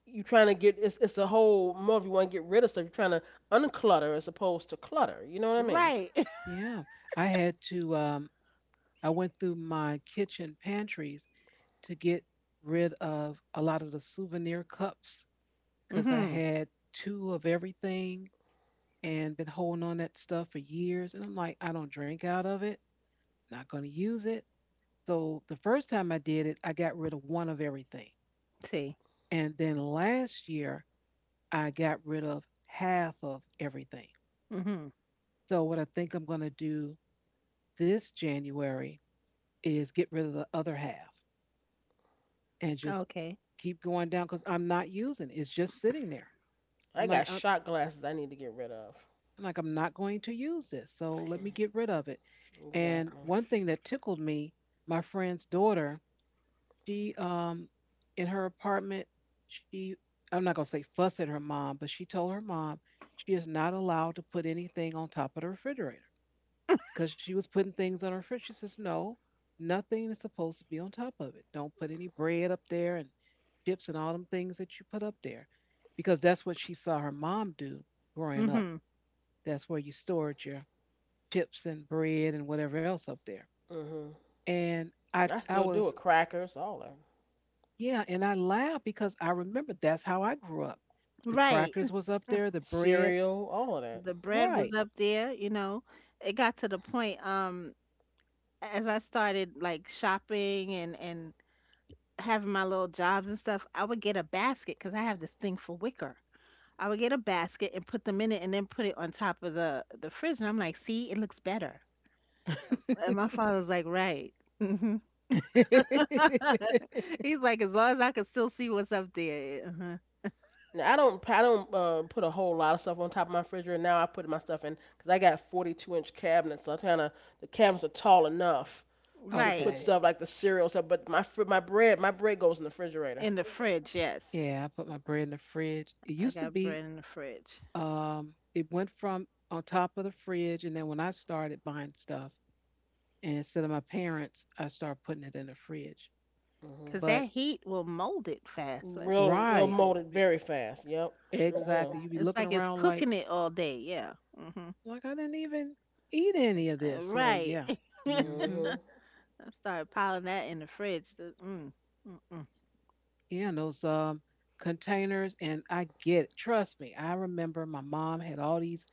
you're trying to get. It's a whole more if you want to get rid of stuff. You're trying to unclutter as opposed to clutter. You know what I mean?
Right.
Yeah. I had to I went through my kitchen pantries to get rid of a lot of the souvenir cups cuz I
Mhm.
had two of everything and been holding on that stuff for years, and I'm like, I don't drink out of it, not going to use it. So the first time I did it, I got rid of one of everything.
See.
And then last year, I got rid of half of everything.
Mhm.
So what I think I'm going to do this January is get rid of the other half and just
Okay.
keep going down because I'm not using it. It's just sitting there. I'm
I
like,
got
I'm,
shot glasses I need to get rid of.
I'm like, I'm not going to use this. So let me
Mm,
get rid of it. And
exactly.
one thing that tickled me, my friend's daughter, she in her apartment, she, I'm not gonna say fuss at her mom, but she told her mom she is not allowed to put anything on top of the refrigerator, because she was putting things on her fridge. She says, no, nothing is supposed to be on top of it. Don't put any bread up there and chips and all them things that you put up there, because that's what she saw her mom do growing up.
Mhm.
That's where you stored your chips and bread and whatever else up there.
Mhm.
And I,
I
I
still do
was,
it. Crackers, all that.
yeah, and I laughed because I remember that's how I grew up. The
Right.
crackers was up there, the bread,
Cereal, all of that.
The bread was
right.
up there. It got to the point as I started like shopping and having my little jobs and stuff, I would get a basket cuz I have this thing for wicker. I would get a basket and put them in it and then put it on top of the fridge and I'm like, "See, it looks better." And my father's like, "Right." Mhm. He's like, "As long as I can still see what's up there."
Now, I don't put a whole lot of stuff on top of my refrigerator now. I put my stuff in because I got 42-inch cabinets, so I kind of the cabinets are tall enough to
Right.
put
Okay.
stuff like the cereal stuff. But my bread goes in the refrigerator.
In the fridge, yes.
Yeah, I put my bread in the fridge. It
I
used to
got
be,
bread in the fridge.
it went from on top of the fridge, and then when I started buying stuff, and instead of my parents, I started putting it in the fridge.
Hmm.
Cause
But
that heat will mold it fast, right?
Real it'll
right,
mold it
we-
very fast. Yep, sure
exactly. You be
It's
looking
like it's
around
cooking it all day. Yeah. Hmm.
like I didn't even eat any of this. So
Right.
yeah, mm-hmm.
will.
I started piling that in the fridge. Mm, mm-mm.
Yeah, and those containers, and I get it. Trust me, I remember my mom had all these,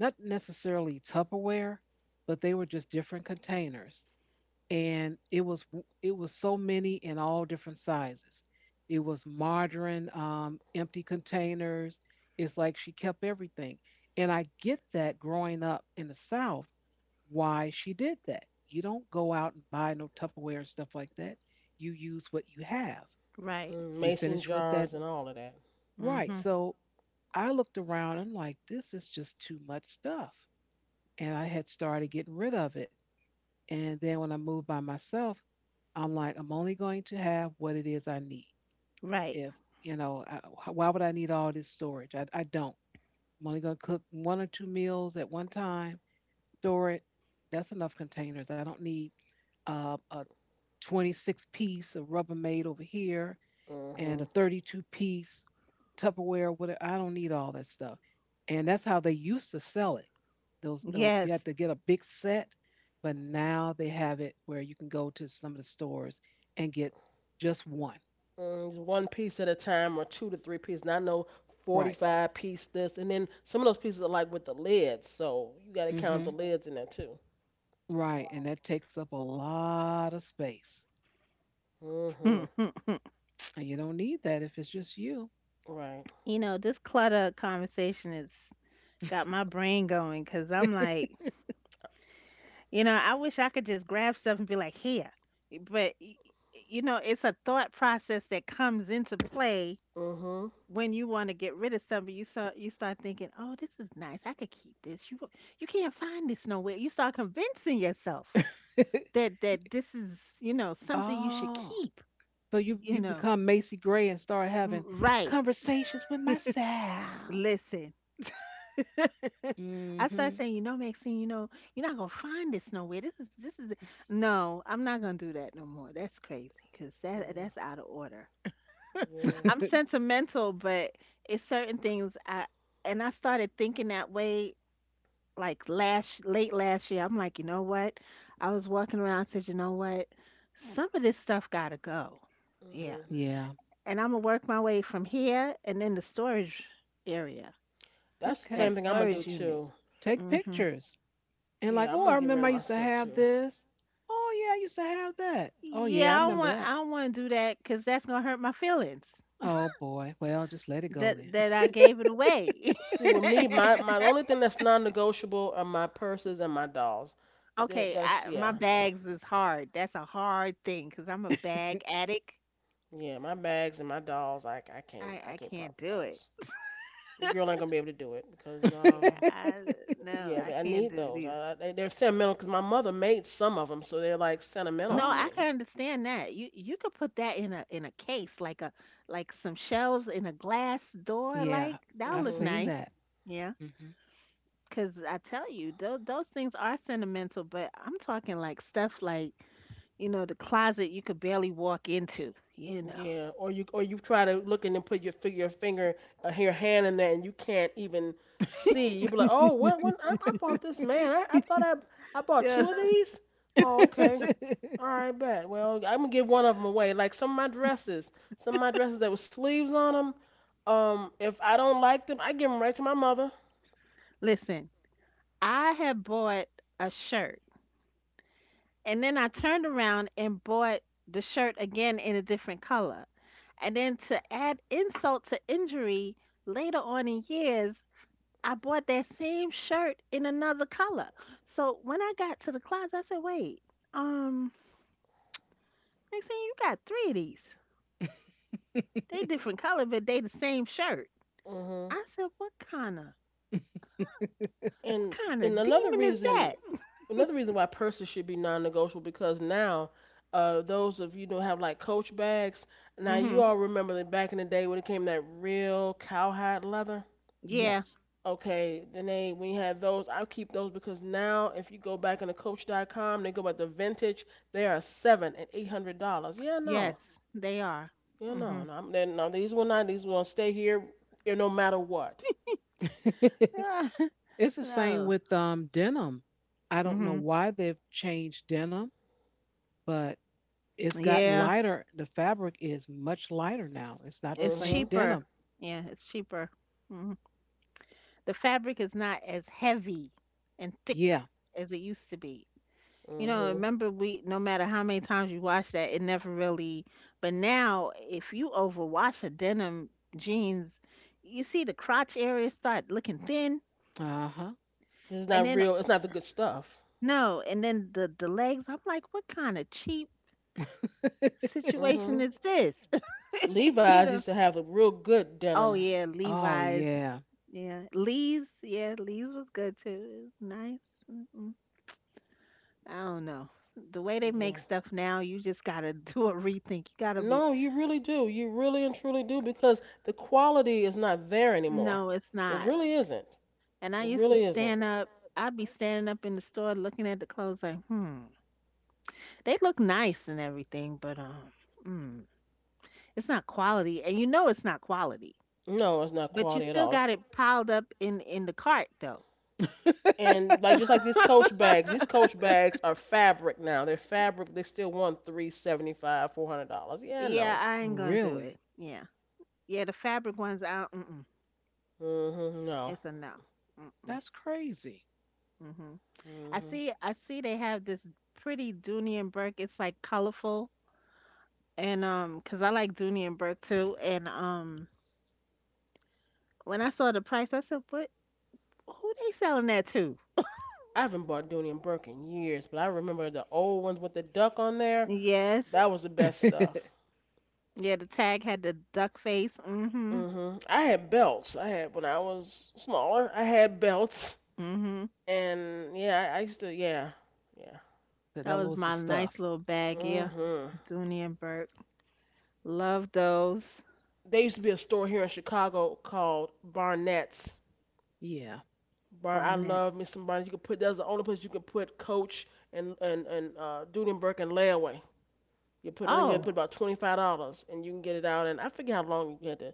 not necessarily Tupperware, but they were just different containers, and it was it was so many in all different sizes. It was margarine, empty containers. It's like she kept everything, and I get that growing up in the South, why she did that. You don't go out and buy no Tupperware and stuff like that. You use what you have.
Right.
Hmm.
You
Mason
finish with
jars
that
and all of that.
right.
Hmm.
So I looked around. I'm like, this is just too much stuff, and I had started getting rid of it. And then when I moved by myself, I'm like, I'm only going to have what it is I need.
Right.
If, you know, why would I need all this storage? I don't. I'm only going to cook one or two meals at one time, store it. That's enough containers. I don't need a 26 piece of Rubbermaid over here and
Hmm.
a 32-piece Tupperware. Whatever. I don't need all that stuff. And that's how they used to sell it. Those you had
Yes.
to get a big set, but now they have it where you can go to some of the stores and get just one.
Mm, it's one piece at a time or two to three pieces. And I know
Right.
45-piece this. And then some of those pieces are like with the lids. So you got to count the
hmm
lids in there too.
Right. And that takes up a lot of space.
Hmm.
Mm, mm, mm.
And you don't need that if it's just you.
Right.
This clutter conversation has got my brain going because I'm like, I wish I could just grab stuff and be like, here. But, it's a thought process that comes into play
Hmm.
when you want to get rid of something, you start thinking, "Oh, this is nice. I could keep this." You can't find this nowhere. You start convincing yourself that
Y-
that this is something you should
oh.
keep.
So you,
You
you
know,
become Macy Gray and start
R-
having
right?
conversations with myself.
Listen, I start
Hmm
saying, "You know, Maxine, you're not gonna find this nowhere. This is no. I'm not gonna do that no more. That's crazy because that
Yeah.
that's out of order. I'm
Yeah.
sentimental, but it's certain things I." And I started thinking that way like last late last year. I'm like, you know what? I was walking around, I said, you know what? Some of this stuff gotta go. Yeah.
Hmm.
Yeah.
And I'm gonna work my way from here and then the storage area,
That's the
that
Okay.
same thing I'm going to do
storage unit.
too.
Take
Hmm.
pictures. And like,
Yeah, I'm
oh, I
going to get rid
remember
of
I
my
used to
stuff
have
too.
this. Oh, yeah, I used to have that. Oh, yeah, I
Yeah, I don't
remember
want
Hmm.
I
that.
don't want to do that because that's gonna hurt my feelings
Oh, boy. Well, just let it go
that
then.
that I
See,
gave it away.
with me, my only thing that's non-negotiable are my purses and my dolls. That,
Okay,
that's,
my
yeah, no.
bags is hard. That's a hard thing because I'm a bag addict.
Yeah, my bags and my dolls, I can't,
I I
part
can't
with
do it.
those. The girl ain't gonna be able to do it because
Yeah, I no,
yeah,
I
I
can't
need
do it.
those. Are sentimental because my mother made some of them, so they're like sentimental
No,
to
Oh,
I
me.
okay.
can understand that. You could put that in a case, like a like some shelves in a glass door,
Yeah,
like that'll
I've
look
Mhm.
seen
nice.
that.
Yeah, because I tell you, those things are sentimental, but I'm talking like stuff like, the closet you could barely walk into.
Yeah. Or you try to look in and put your hand in there and you can't even see. You be like, oh, what? When I bought this man, I thought I bought
Yeah.
two of these. Oh, okay. All right, bet. Well, I'm gonna give one of them away. Like some of my dresses that with sleeves on them. If I don't like them, I give them right to my mother.
Listen, I had bought a shirt. And then I turned around and bought the shirt again in a different color. And then to add insult to injury, later on in years, I bought that same shirt in another color. So when I got to the closet, I said, wait, um, they saying you got three of these. They different color, but they the same shirt.
Mhm.
I said, what kind of, what
And
kind
and
of
another
demon is
reason,
that?
another reason why purses should be non-negotiable because now, those of you who have like Coach bags, now
Hmm.
you all remember that back in the day when it came that real cowhide leather.
Yeah.
Yes.
Okay, then they when you had those, I keep those because now if you go back into Coach.com, they go by the vintage. They are seven and eight hundred dollars. Yeah, no,
Yes, they are.
yeah, no,
Hmm.
no. No, these will not. These will stay here, no matter what.
It's the same
No.
with denim. I don't know
Hmm.
why they've changed denim, but it's gotten
Yeah.
lighter. The fabric is much lighter now. It's not the
It's
same
Mhm,
cheaper.
denim.
Yeah, it's cheaper. Hmm. The fabric is not as heavy and thick
Yeah.
as it used to be. You know,
mhm.
remember, we no matter how many times you wash that, it never really. But now if you overwash a denim jeans, you see the crotch area start looking thin,
Uh-huh.
It's
and
not
then
real. It's not the good stuff.
no, and then the legs, I'm like, what kind of cheap situation
Mhm.
is this? you
Levi's
know.
used to have a real good
Oh
denim.
yeah,
Oh
Levi's.
yeah.
Yeah, Lee's. Yeah, Lee's was good too. It was nice. Mm-mm. I don't know. The way they make
Yeah.
stuff now, you just gotta do a rethink. You gotta be.
No, you really do. You really and truly do because the quality is not there anymore.
No, it's
It
not.
really isn't.
And I
It
used to
really isn't.
stand up. I'd be standing up in the store looking at the clothes like, they look nice and everything, but mm, it's not quality. And you know it's not quality.
No, it's not
But you
quality at
still
all.
got it piled up in the cart though.
And like just like these Coach bags are fabric now. They're fabric. They still want 375, $400. Yeah,
Yeah,
no.
I ain't gonna do it.
Really?
Yeah, yeah, the fabric ones out.
Mhm. No.
It's a no. Mm-mm.
That's crazy.
Hmm. I
Mhm.
see. I see. They have this pretty Dooney& and Burke. It's like colorful, and 'cause I like Dooney& and Burke too. And when I saw the price, I said, "What? Who they selling that to?"
I haven't bought Dooney and Burke in years, but I remember the old ones with the duck on there.
Yes.
That was the best stuff.
That
Yeah. The tag had the duck face. Mm-hmm.
Mhm. I had belts. I had when I was smaller. I had belts,
Mm-hmm.
and yeah, I used to. Yeah, yeah.
That
that
was
was the
my nice
stuff.
little bag. Yeah.
Mhm.
Dooney& and Burke. Love those.
There used to be a store here in Chicago called Barnett's.
Yeah.
Bar. I
Barnett.
love me some Barnett's. You could put That's the only place you could put Coach and Dudenberg and layaway. You put I think you had to put
Oh,
about $25, and you can get it out. And I forget how long you had to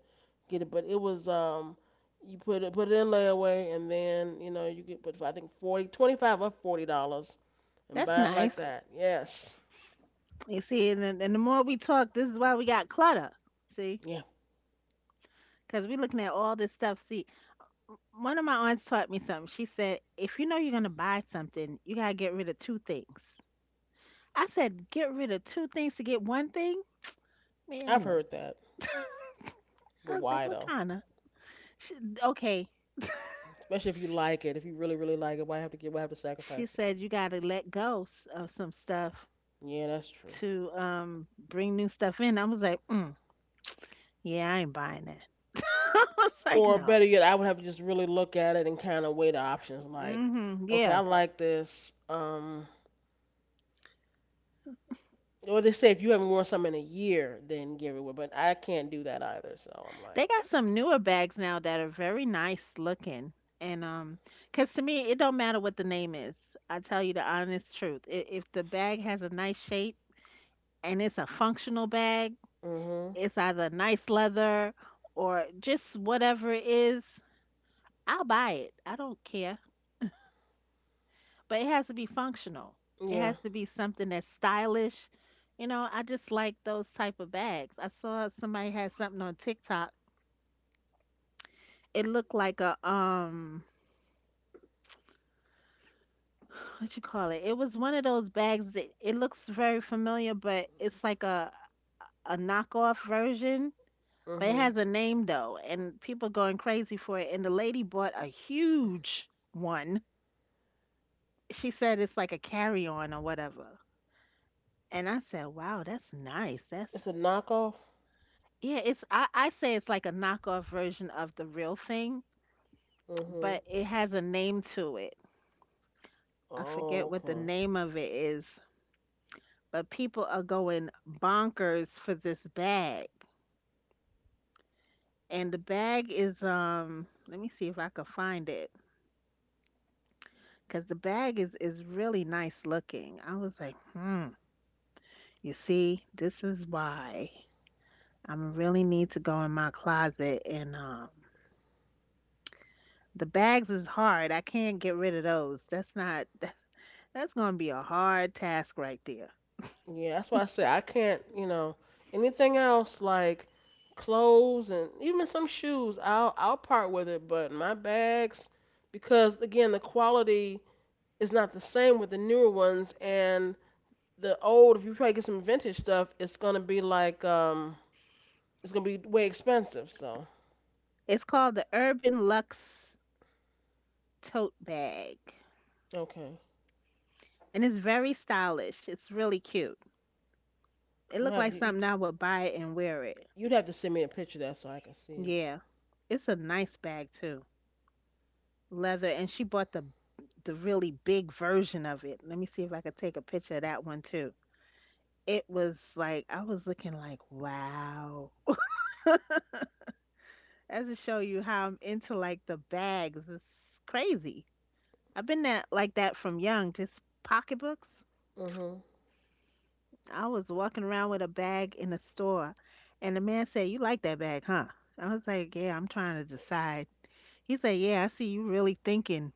get it, but it was. You put it in layaway, and then you could put I think 40, $25 or $40 and
that's
bad like
nice.
that. Yes.
You see, and the more we talk, this is why we got clutter. See,
Yeah.
because we're looking at all this stuff. See, one of my aunts taught me something. She said, if you know you're going to buy something, you got to get rid of two things. I said, get rid of two things to get one thing? Man,
I've
look.
heard that. But
I was like,
why
what
though?
kind of? She, okay.
Especially if you like it, if you really, really like it, why have to
She
sacrifice it?
said, you got to let go of some stuff
Yeah, that's true.
to bring new stuff in. I was like, yeah, I ain't buying that. I was like,
Or
no.
better yet, I would have to just really look at it and kinda weigh the options like,
Hmm.
okay, I
Yeah.
like this, or they say if you haven't worn something in a year, then give it away. But I can't do that either, so I'm like,
They got some newer bags now that are very nice looking. And cause to me, it don't matter what the name is. I tell you the honest truth. If the bag has a nice shape and it's a functional bag,
mm-hmm.
it's either nice leather or just whatever it is, I'll buy it. I don't care. But it has to be functional. It
Yeah.
has to be something that's stylish. I just like those type of bags. I saw somebody had something on TikTok. It looked like a what you call it? It was one of those bags that it looks very familiar, but it's like a knockoff version. But
Mm-hmm.
it has a name though, and people going crazy for it. And the lady bought a huge one. She said it's like a carry-on or whatever. And I said, "Wow, that's nice. That's
It's a knockoff?
yeah. It's I say it's like a knockoff version of the real thing,
Mm-hmm.
but it has a name to it." I forget
Oh,
what the
okay.
name of it is, but people are going bonkers for this bag, and the bag is, let me see if I could find it, because the bag is really nice looking. I was like, you see, this is why I really need to go in my closet, and the bags is hard. I can't get rid of those. That's not that's gonna be a hard task right there.
Yeah, that's why I say I can't, you know, anything else like clothes and even some shoes, I'll part with it, but my bags because again, the quality is not the same with the newer ones and the old if you try to get some vintage stuff, it's going to be like it's going to be way expensive, so
It's called the Urban Luxe Tote Bag.
okay.
And it's very stylish. It's really cute. It
I'm gonna
looked
have
like
to you,
something I would buy it and wear it.
You'd have to send me a picture of that so I can see it.
Yeah. It's a nice bag too. Leather, and she bought the really big version of it. Let me see if I could take a picture of that one too. It was like I was looking like, wow. That's to show you how I'm into like the bags. It's crazy. I've been that like that from young, just pocketbooks.
Mhm.
I was walking around with a bag in a store and the man said, "You like that bag, huh?" I was like, "Yeah, I'm trying to decide." He said, "Yeah, I see you really thinking."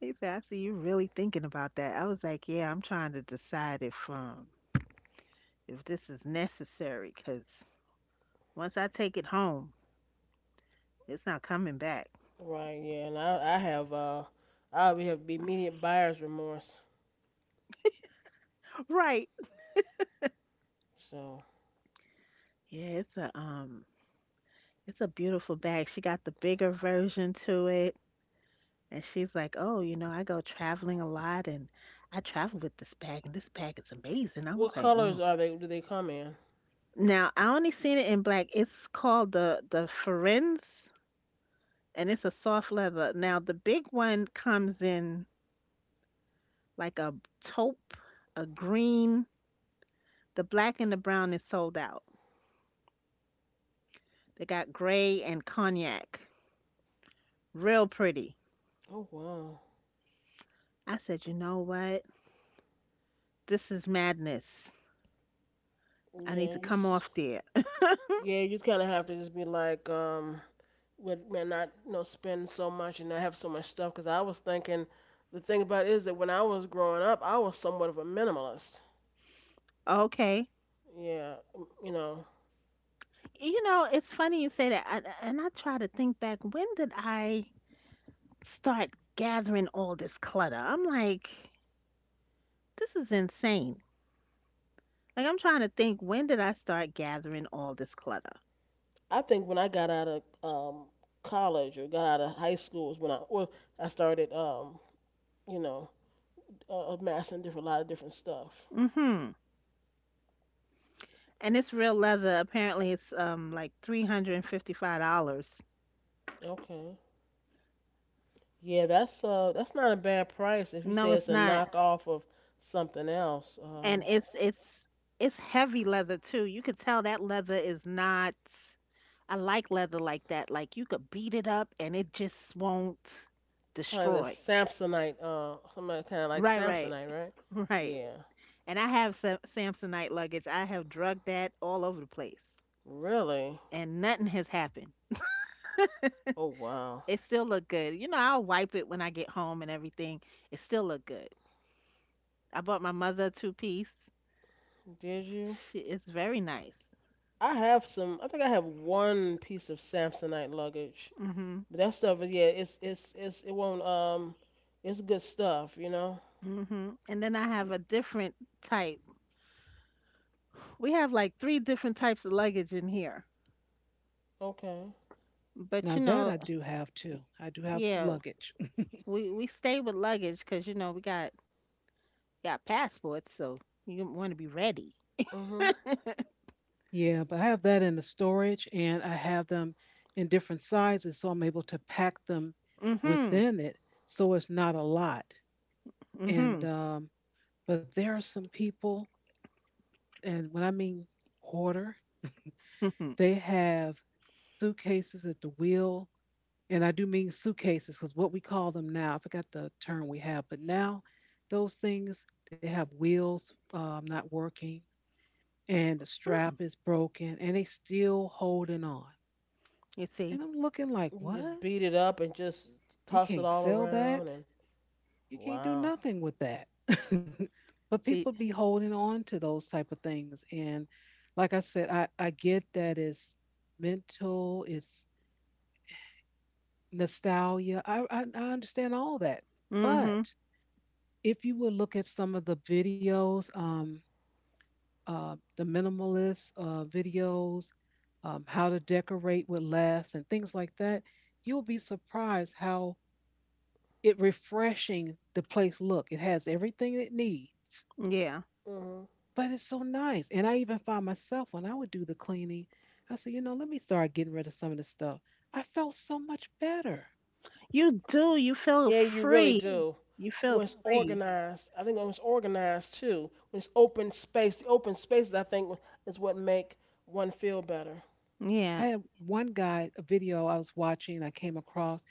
He said, "I see you really thinking about that." I was like, yeah, I'm trying to decide if this is necessary because once I take it home, it's not coming back.
Right, yeah. And I have I already have immediate buyer's remorse.
Right.
So
Yeah, it's a beautiful bag. She got the bigger version to it. And she's like, "Oh, I go traveling a lot and I travel with this bag and this bag is amazing." I was
what
like,
colors
mm.
are they? Do they come in?
Now I only seen it in black. It's called the Ferenz, and it's a soft leather. Now the big one comes in like a taupe, a green. The black and the brown is sold out. They got gray and cognac. Real pretty.
Oh wow.
I said, you know what? This is madness. I need
Yeah,
to
you
come
just
off there.
yeah, you just kind of have to just be like, with man, not you know spend so much and not have so much stuff. Because I was thinking, the thing about it is that when I was growing up, I was somewhat of a minimalist.
Okay.
Yeah, you know,
It's funny you say that. And I try to think back, when did I start gathering all this clutter? I'm like, this is insane. Like, I'm trying to think, when did I start gathering all this clutter?
I think when I got out of college or got out of high school is when I started you know amassing different, a lot of different stuff.
Mm hmm. And it's real leather. Apparently it's like $355.
Okay. Yeah, that's not a bad price if you
No,
say it's
it's
a
not.
knockoff of something else.
And
Um,
it's heavy leather too. You could tell that leather is not. I like leather like that. Like you could beat it up and it just won't
kind of the
destroy.
Samsonite, some kind of like
Right, right.
Samsonite, right?
Right.
Yeah.
And I have Samsonite luggage. I have drugged that all over the place
Really?
and nothing has happened.
Oh wow.
It still look good. I'll wipe it when I get home and everything. It still look good. I bought my mother a two piece.
Did you?
She is very nice.
I have some I think I have one piece of Samsonite luggage.
Mhm.
But that stuff is yeah, it's it won't it's good stuff, you know?
Mhm. And then I have a different type. We have like three different types of luggage in here.
Okay.
But
Now that I do have too. I do have
yeah,
luggage.
we stay with luggage, 'cause you know we got passports, so you want to be ready.
Mhm.
Yeah, but I have that in the storage and I have them in different sizes, so I'm able to pack them
Mhm.
within it, so it's not a lot. And
Mhm.
but there are some people, and when I mean hoarder,
Mhm. Mm.
they have suitcases at the wheel, and I do mean suitcases because what we call them now, I forgot the term we have, but now those things they have wheels not working, and the strap is broken, and they still holding on.
You see,
And I'm looking like,
You just
what?
beat it up and just
You
toss it
can't
all
sell
around
that.
and
You can't do
wow.
nothing with that. But people
see.
be holding on to those type of things. And like I said, I get that it's mental, it's nostalgia. I understand all that.
Mhm.
But if you would look at some of the videos, the minimalist videos, how to decorate with less and things like that, you'll be surprised how it refreshing the place look. It has everything it needs,
Yeah.
Mm-hmm.
but it's so nice. And I even found myself when I would do the cleaning, I said, you know, let me start getting rid of some of this stuff. I felt so much better.
You do. You feel
Yeah, you really
free.
do.
You feel
When it's
free.
organized, I think when it's organized too, when it's open space, the open spaces I think is what make one feel better.
Yeah.
I had one guy, a video I was watching, I came across,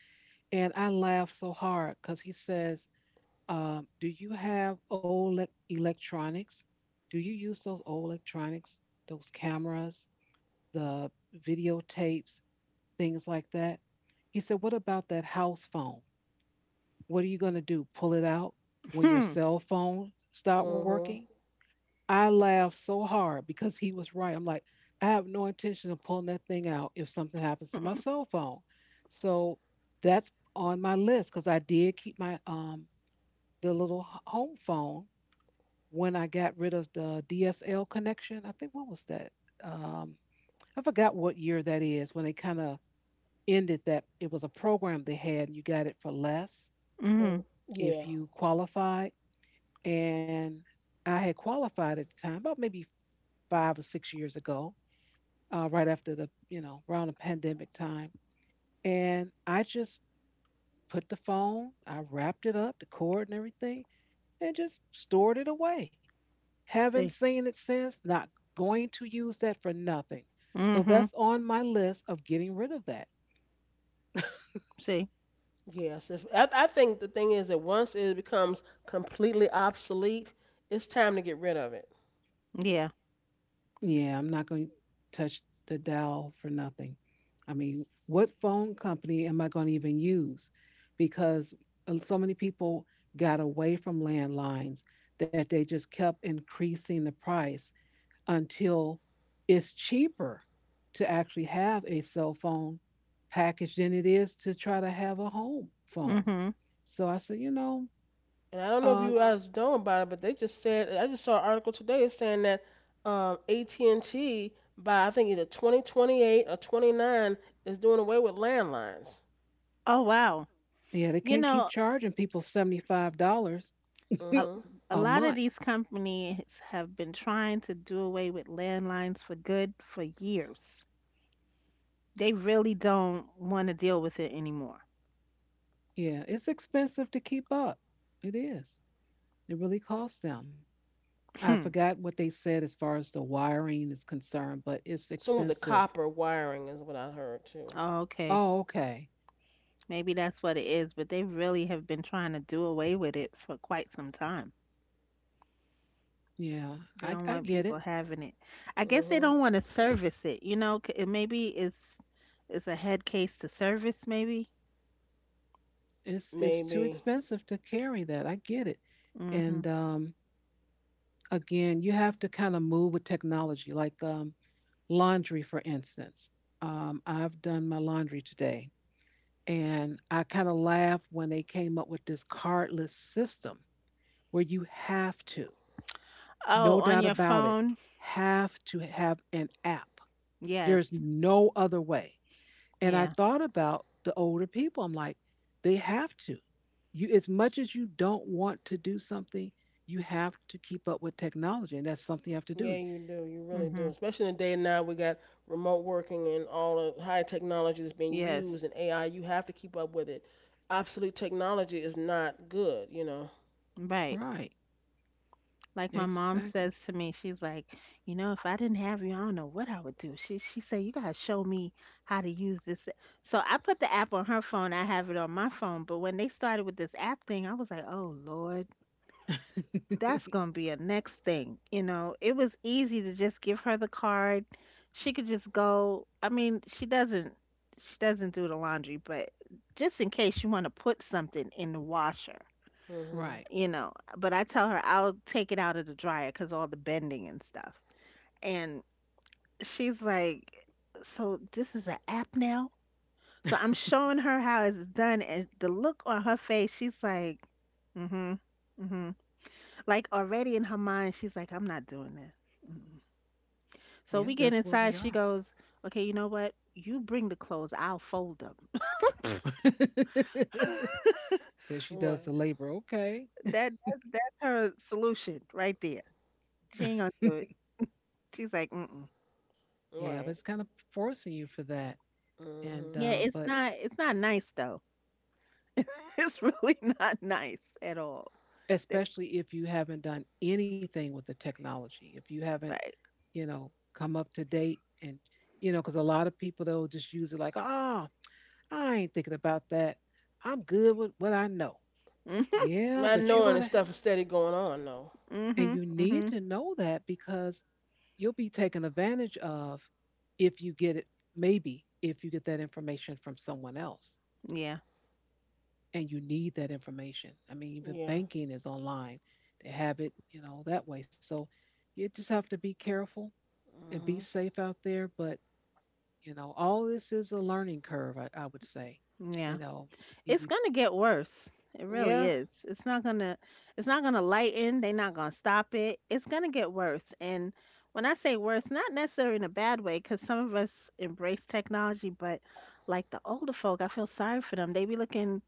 and I laughed so hard because he says, do you have old electronics? Do you use those old electronics, those cameras, the videotapes, things like that? He said, what about that house phone? What are you going to do? Pull it out when your
Hmm.
cell phone stopped working?
Mhm.
I laughed so hard because he was right. I'm like, I have no intention of pulling that thing out if something happens to my cell phone. So that's on my list because I did keep my the little home phone when I got rid of the DSL connection. I think what was that? Um, I forgot what year that is when they kind of ended that. It was a program they had and you got it for less
Mm,
Mhm.
if
yeah.
you qualified. And I had qualified at the time, about maybe 5 or 6 years ago, right after the, you know, around the pandemic time. And I just put the phone, I wrapped it up, the cord and everything, and just stored it away. Haven't
See.
seen it since, not going to use that for nothing. So
Mhm.
that's on my list of getting rid of that.
See.
Yes. If I, I think the thing is that once it becomes completely obsolete, it's time to get rid of it.
Yeah.
Yeah, I'm not going to touch the dial for nothing. I mean, what phone company am I going to even use? Because so many people got away from landlines that they just kept increasing the price until it's cheaper to actually have a cell phone package than it is to try to have a home phone.
Mhm.
So I said, you know,
And I don't know if
uh,
you guys know about it, but they just said I just saw an article today saying that AT&T by I think either 2028 or 29 is doing away with landlines.
Oh wow.
yeah, they
you
can't keep
know,
charging people $75
a,
Mhm.
a
a
lot of
month.
these companies have been trying to do away with landlines for good for years. They really don't want to deal with it anymore.
Yeah, it's expensive to keep up. It is. It really costs them. I
Hmm.
forgot what they said as far as the wiring is concerned, but it's
Some of the
expensive.
copper wiring is what I heard too.
Oh, okay.
Oh, okay.
Maybe that's what it is, but they really have been trying to do away with it for quite some time.
Yeah,
They
I
don't want
get it.
people having it. I guess they
Mhm.
don't want to service it, you know, it maybe it's a head case to service maybe.
It's too
Maybe.
expensive to carry that. I get it.
Mhm.
And again, you have to kind of move with technology, like laundry, for instance. I've done my laundry today, and I kind of laughed when they came up with this cardless system where you have to. No
Oh,
doubt
on your
about it.
phone?
Have to have an app.
Yes.
There's no other way. And I
Yeah.
thought about the older people. I'm like, they have to. You, as much as you don't want to do something, you have to keep up with technology. And that's something you have to do.
Yeah, you do. You really do.
Mhm.
Especially in the day now we got remote working and all the high technology that's being used
Yes.
and AI. You have to keep up with it. Obsolete technology is not good. You know.
Right.
Right.
Like my mom
Exactly.
says to me, she's like, you know, if I didn't have you, I don't know what I would do. She said, you gotta show me how to use this. A-" So I put the app on her phone. I have it on my phone. But when they started with this app thing, I was like, oh Lord, that's gonna be a next thing. You know, it was easy to just give her the card. She could just go. I mean, she doesn't do the laundry, but just in case you want to put something in the washer,
Mhm.
Right.
you know. But I tell her I'll take it out of the dryer because all the bending and stuff. And she's like, so this is an app now? So I'm showing her how it's done, and the look on her face, she's like, mm hmm, mm hmm. Like already in her mind, she's like, I'm not doing that. Mm-mm. So
Yeah,
we
that's
get
where we
inside,
are.
she goes, okay, you know what? You bring the clothes, I'll fold them.
That she does
Right.
the labor. Okay.
That's her solution right there. She ain't gonna do it. She's like, mm.
Yeah, but
Right.
it's kind of forcing you for that. And
Mhm.
Yeah, it's
but
not it's not nice though. It's really not nice at all. That's
especially if you haven't done anything with the technology, if you haven't,
right.
you know, come up to date and, you know, because a lot of people they'll just use it like, oh, I ain't thinking about that. I'm good with what I know.
Mhm.
Yeah,
Not
but you're
knowing that
gonna
stuff is steady going on though.
and you
Mhm.
need to
Mhm.
know that because you'll be taken advantage of if you get it, maybe if you get that information from someone else.
Yeah.
And you need that information. I mean, even
Yeah.
banking is online. They have it, you know, that way. So you just have to be careful and be
Mhm.
safe out there. But, you know, all this is a learning curve, I would say.
Yeah.
You know, you
It's
would,
gonna get worse. It really
Yeah.
is. It's not gonna lighten. They're not gonna stop it. It's gonna get worse. And when I say worse, not necessarily in a bad way, because some of us embrace technology, but like the older folk, I feel sorry for them. They be looking,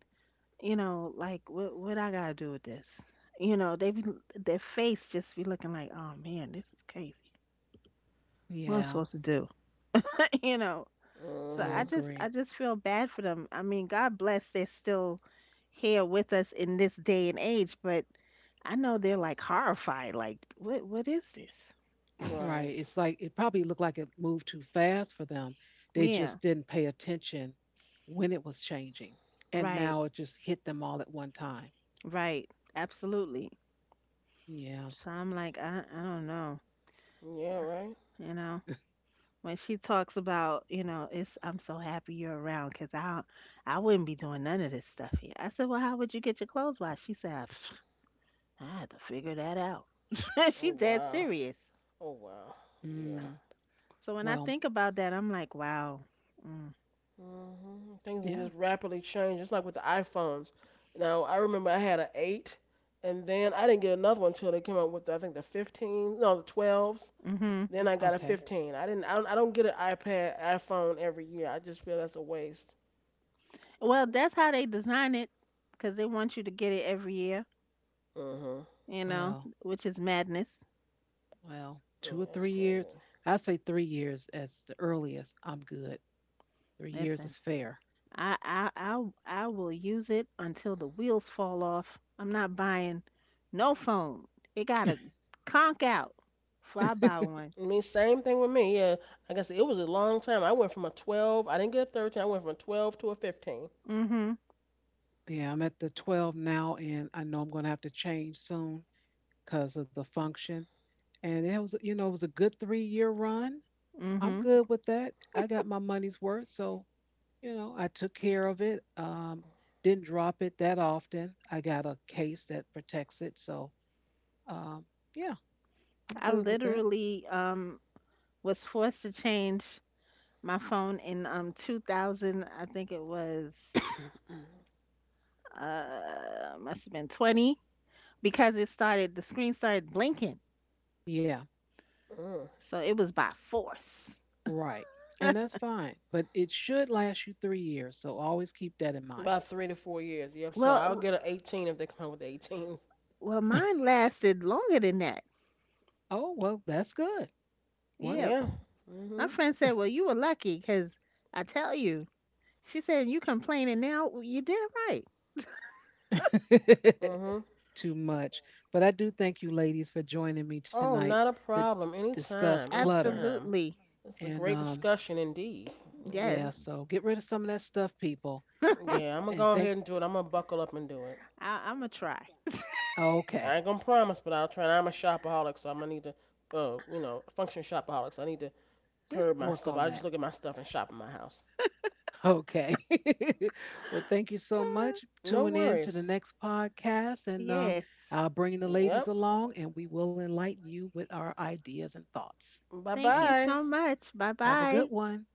you know, like what I gotta do with this? You know, they be, their face just be looking like, oh man, this is crazy. What I'm
yeah,
supposed to do? You know, so
I
I
Mhm.
just I
agree.
just feel bad for them. I mean, God bless they're still here with us in this day and age, but I know they're like horrified. Like, what is this?
Right.
Right.
It's like it probably looked like it moved too fast for them. They
Yeah,
just didn't pay attention when it was changing. And
right,
now it just hit them all at one time.
right, absolutely.
Yeah.
So I'm like, I don't know,
Yeah. Right.
you know. When she talks about, you know, it's I'm so happy you're around because I wouldn't be doing none of this stuff here. I said, well, how would you get your clothes washed? She said, I had to figure that out.
Oh
She's dead
wow.
serious.
Oh wow. Yeah.
Mm,
So when I
well,
think about that, I'm like, wow. Mm,
Hmm, things are
yeah.
just rapidly changing. Just like with the iPhones. Now, I remember I had an 8, and then I didn't get another one until they came out with, I think, the 15, no, the 12s.
hmm.
Then I got a
Okay.
15. I don't get an iPad, iPhone every year. I just feel that's a waste.
Well, that's how they design it, because they want you to get it every year,
Hmm.
you know,
Well,
which is madness.
Well, two
Yeah,
or three
that's
years.
crazy.
I say 3 years as the earliest. I'm good. 3 years
Listen,
is fair.
I will use it until the wheels fall off. I'm not buying no phone. It gotta conk out. Fly buy one.
I mean, same thing with me. Yeah, like I said, it was a long time. I went from a 12, I didn't get a 13, I went from a 12 to a 15.
Mhm.
Yeah, I'm at the 12 now, and I know I'm going to have to change soon because of the function. And it was, you know, it was a good 3 year run. I'm
Mhm.
good with that. I got my money's worth. So, you know, I took care of it. Didn't drop it that often. I got a case that protects it. So, um, yeah, I'm
I
good with that.
literally was forced to change my phone in 2000. I think it was must have been 20 because it started the screen started blinking.
Yeah.
Mm.
So it was by force.
Right. And that's fine, but it should last you 3 years. So always keep that in mind.
About 3 to 4 years. Yep. So
Well,
I'll
w-
get an 18 if they come out with 18.
well mine lasted longer than that.
Oh, well, that's good.
Yeah.
Yeah.
Wonderful.
My
Hmm.
friend said, well, you were lucky because I tell you. She said, you complaining now? Well, you did right.
Mhm.
Too much. But I do thank you, ladies, for joining me
Oh,
tonight
not a
to
problem.
discuss
Anytime,
clutter.
anytime.
Absolutely.
It's a
And
great discussion indeed.
yeah,
Mhm.
Yes.
so get rid of some of that stuff, people. And
Yeah, I'm gonna
and
go
thank
ahead and do it. I'm gonna buckle up and do it.
I'm going to try.
I
okay,
ain't gonna promise, but I'll try. I'm a shopaholic, so I'm gonna need to, you know, function shopaholics. I need to curb my
work
stuff.
on
I just
that.
look at my stuff and shop in my house.
Okay. Well, thank you so much.
No
Tune in to the
worries.
next podcast, and
Yes.
I'll bring the ladies
Yep.
along, and we will enlighten you with our ideas and thoughts.
Bye
Thank you
And
bye.
so much. Bye
have a good
bye.
one.